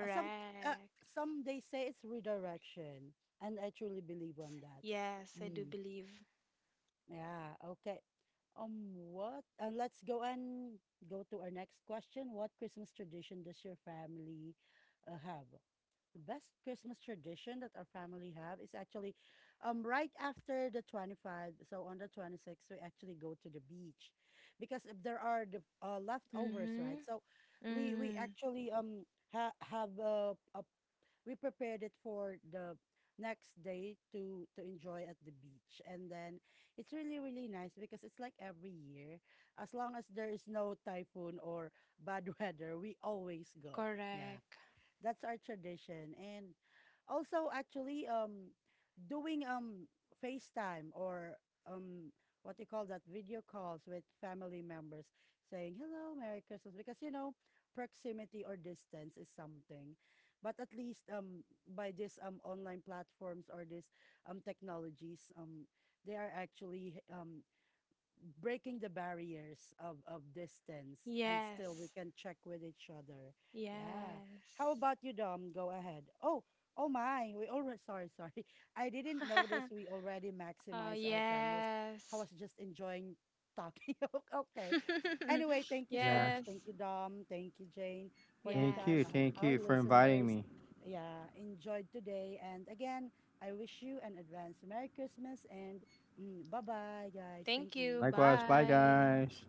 Speaker 1: Uh, some uh, some they say it's redirection, and I truly believe on that.
Speaker 3: Yes, I do
Speaker 1: Hmm.
Speaker 3: believe.
Speaker 1: Yeah, okay. Um, what? Uh, let's go and go to our next question. What Christmas tradition does your family uh, have? The best Christmas tradition that our family have is actually um right after the twenty-fifth, so on the twenty-sixth we actually go to the beach, because if there are the uh, leftovers, right?
Speaker 3: Mhm.
Speaker 1: So we we
Speaker 3: Mhm.
Speaker 1: actually um ha have a, a we prepared it for the next day to to enjoy at the beach. And then it's really really nice, because it's like every year, as long as there is no typhoon or bad weather, we always go, yeah.
Speaker 3: Correct.
Speaker 1: That's our tradition. And also actually um doing um FaceTime or, um what do you call that, video calls with family members, saying hello, Merry Christmas, because, you know proximity or distance is something. But at least um by this um online platforms, or this um technologies, um they are actually um breaking the barriers of, of distance, and still we
Speaker 3: Yes.
Speaker 1: can check with each other. Yeah. How
Speaker 3: Yes.
Speaker 1: about you, Dom? Go ahead. Oh, oh my. We already, sorry, sorry. I didn't notice we already
Speaker 3: oh,
Speaker 1: maximized our time. Was I
Speaker 3: yes.
Speaker 1: was just enjoying talking. O- okay. Anyway, thank you so
Speaker 2: Yeah,
Speaker 1: much.
Speaker 3: yes.
Speaker 1: Thank you, Dom. Thank you, Jane, for your
Speaker 2: thank
Speaker 1: time.
Speaker 2: you,
Speaker 1: I
Speaker 3: Yes.
Speaker 1: hope
Speaker 2: thank
Speaker 1: our
Speaker 2: you for inviting
Speaker 1: listeners,
Speaker 2: me.
Speaker 1: yeah, enjoyed today. And again, I wish you an advance Merry Christmas, and Mm, bye bye, guys. Thank
Speaker 3: Thank you.
Speaker 1: you.
Speaker 2: Likewise, bye
Speaker 3: Bye.
Speaker 2: guys.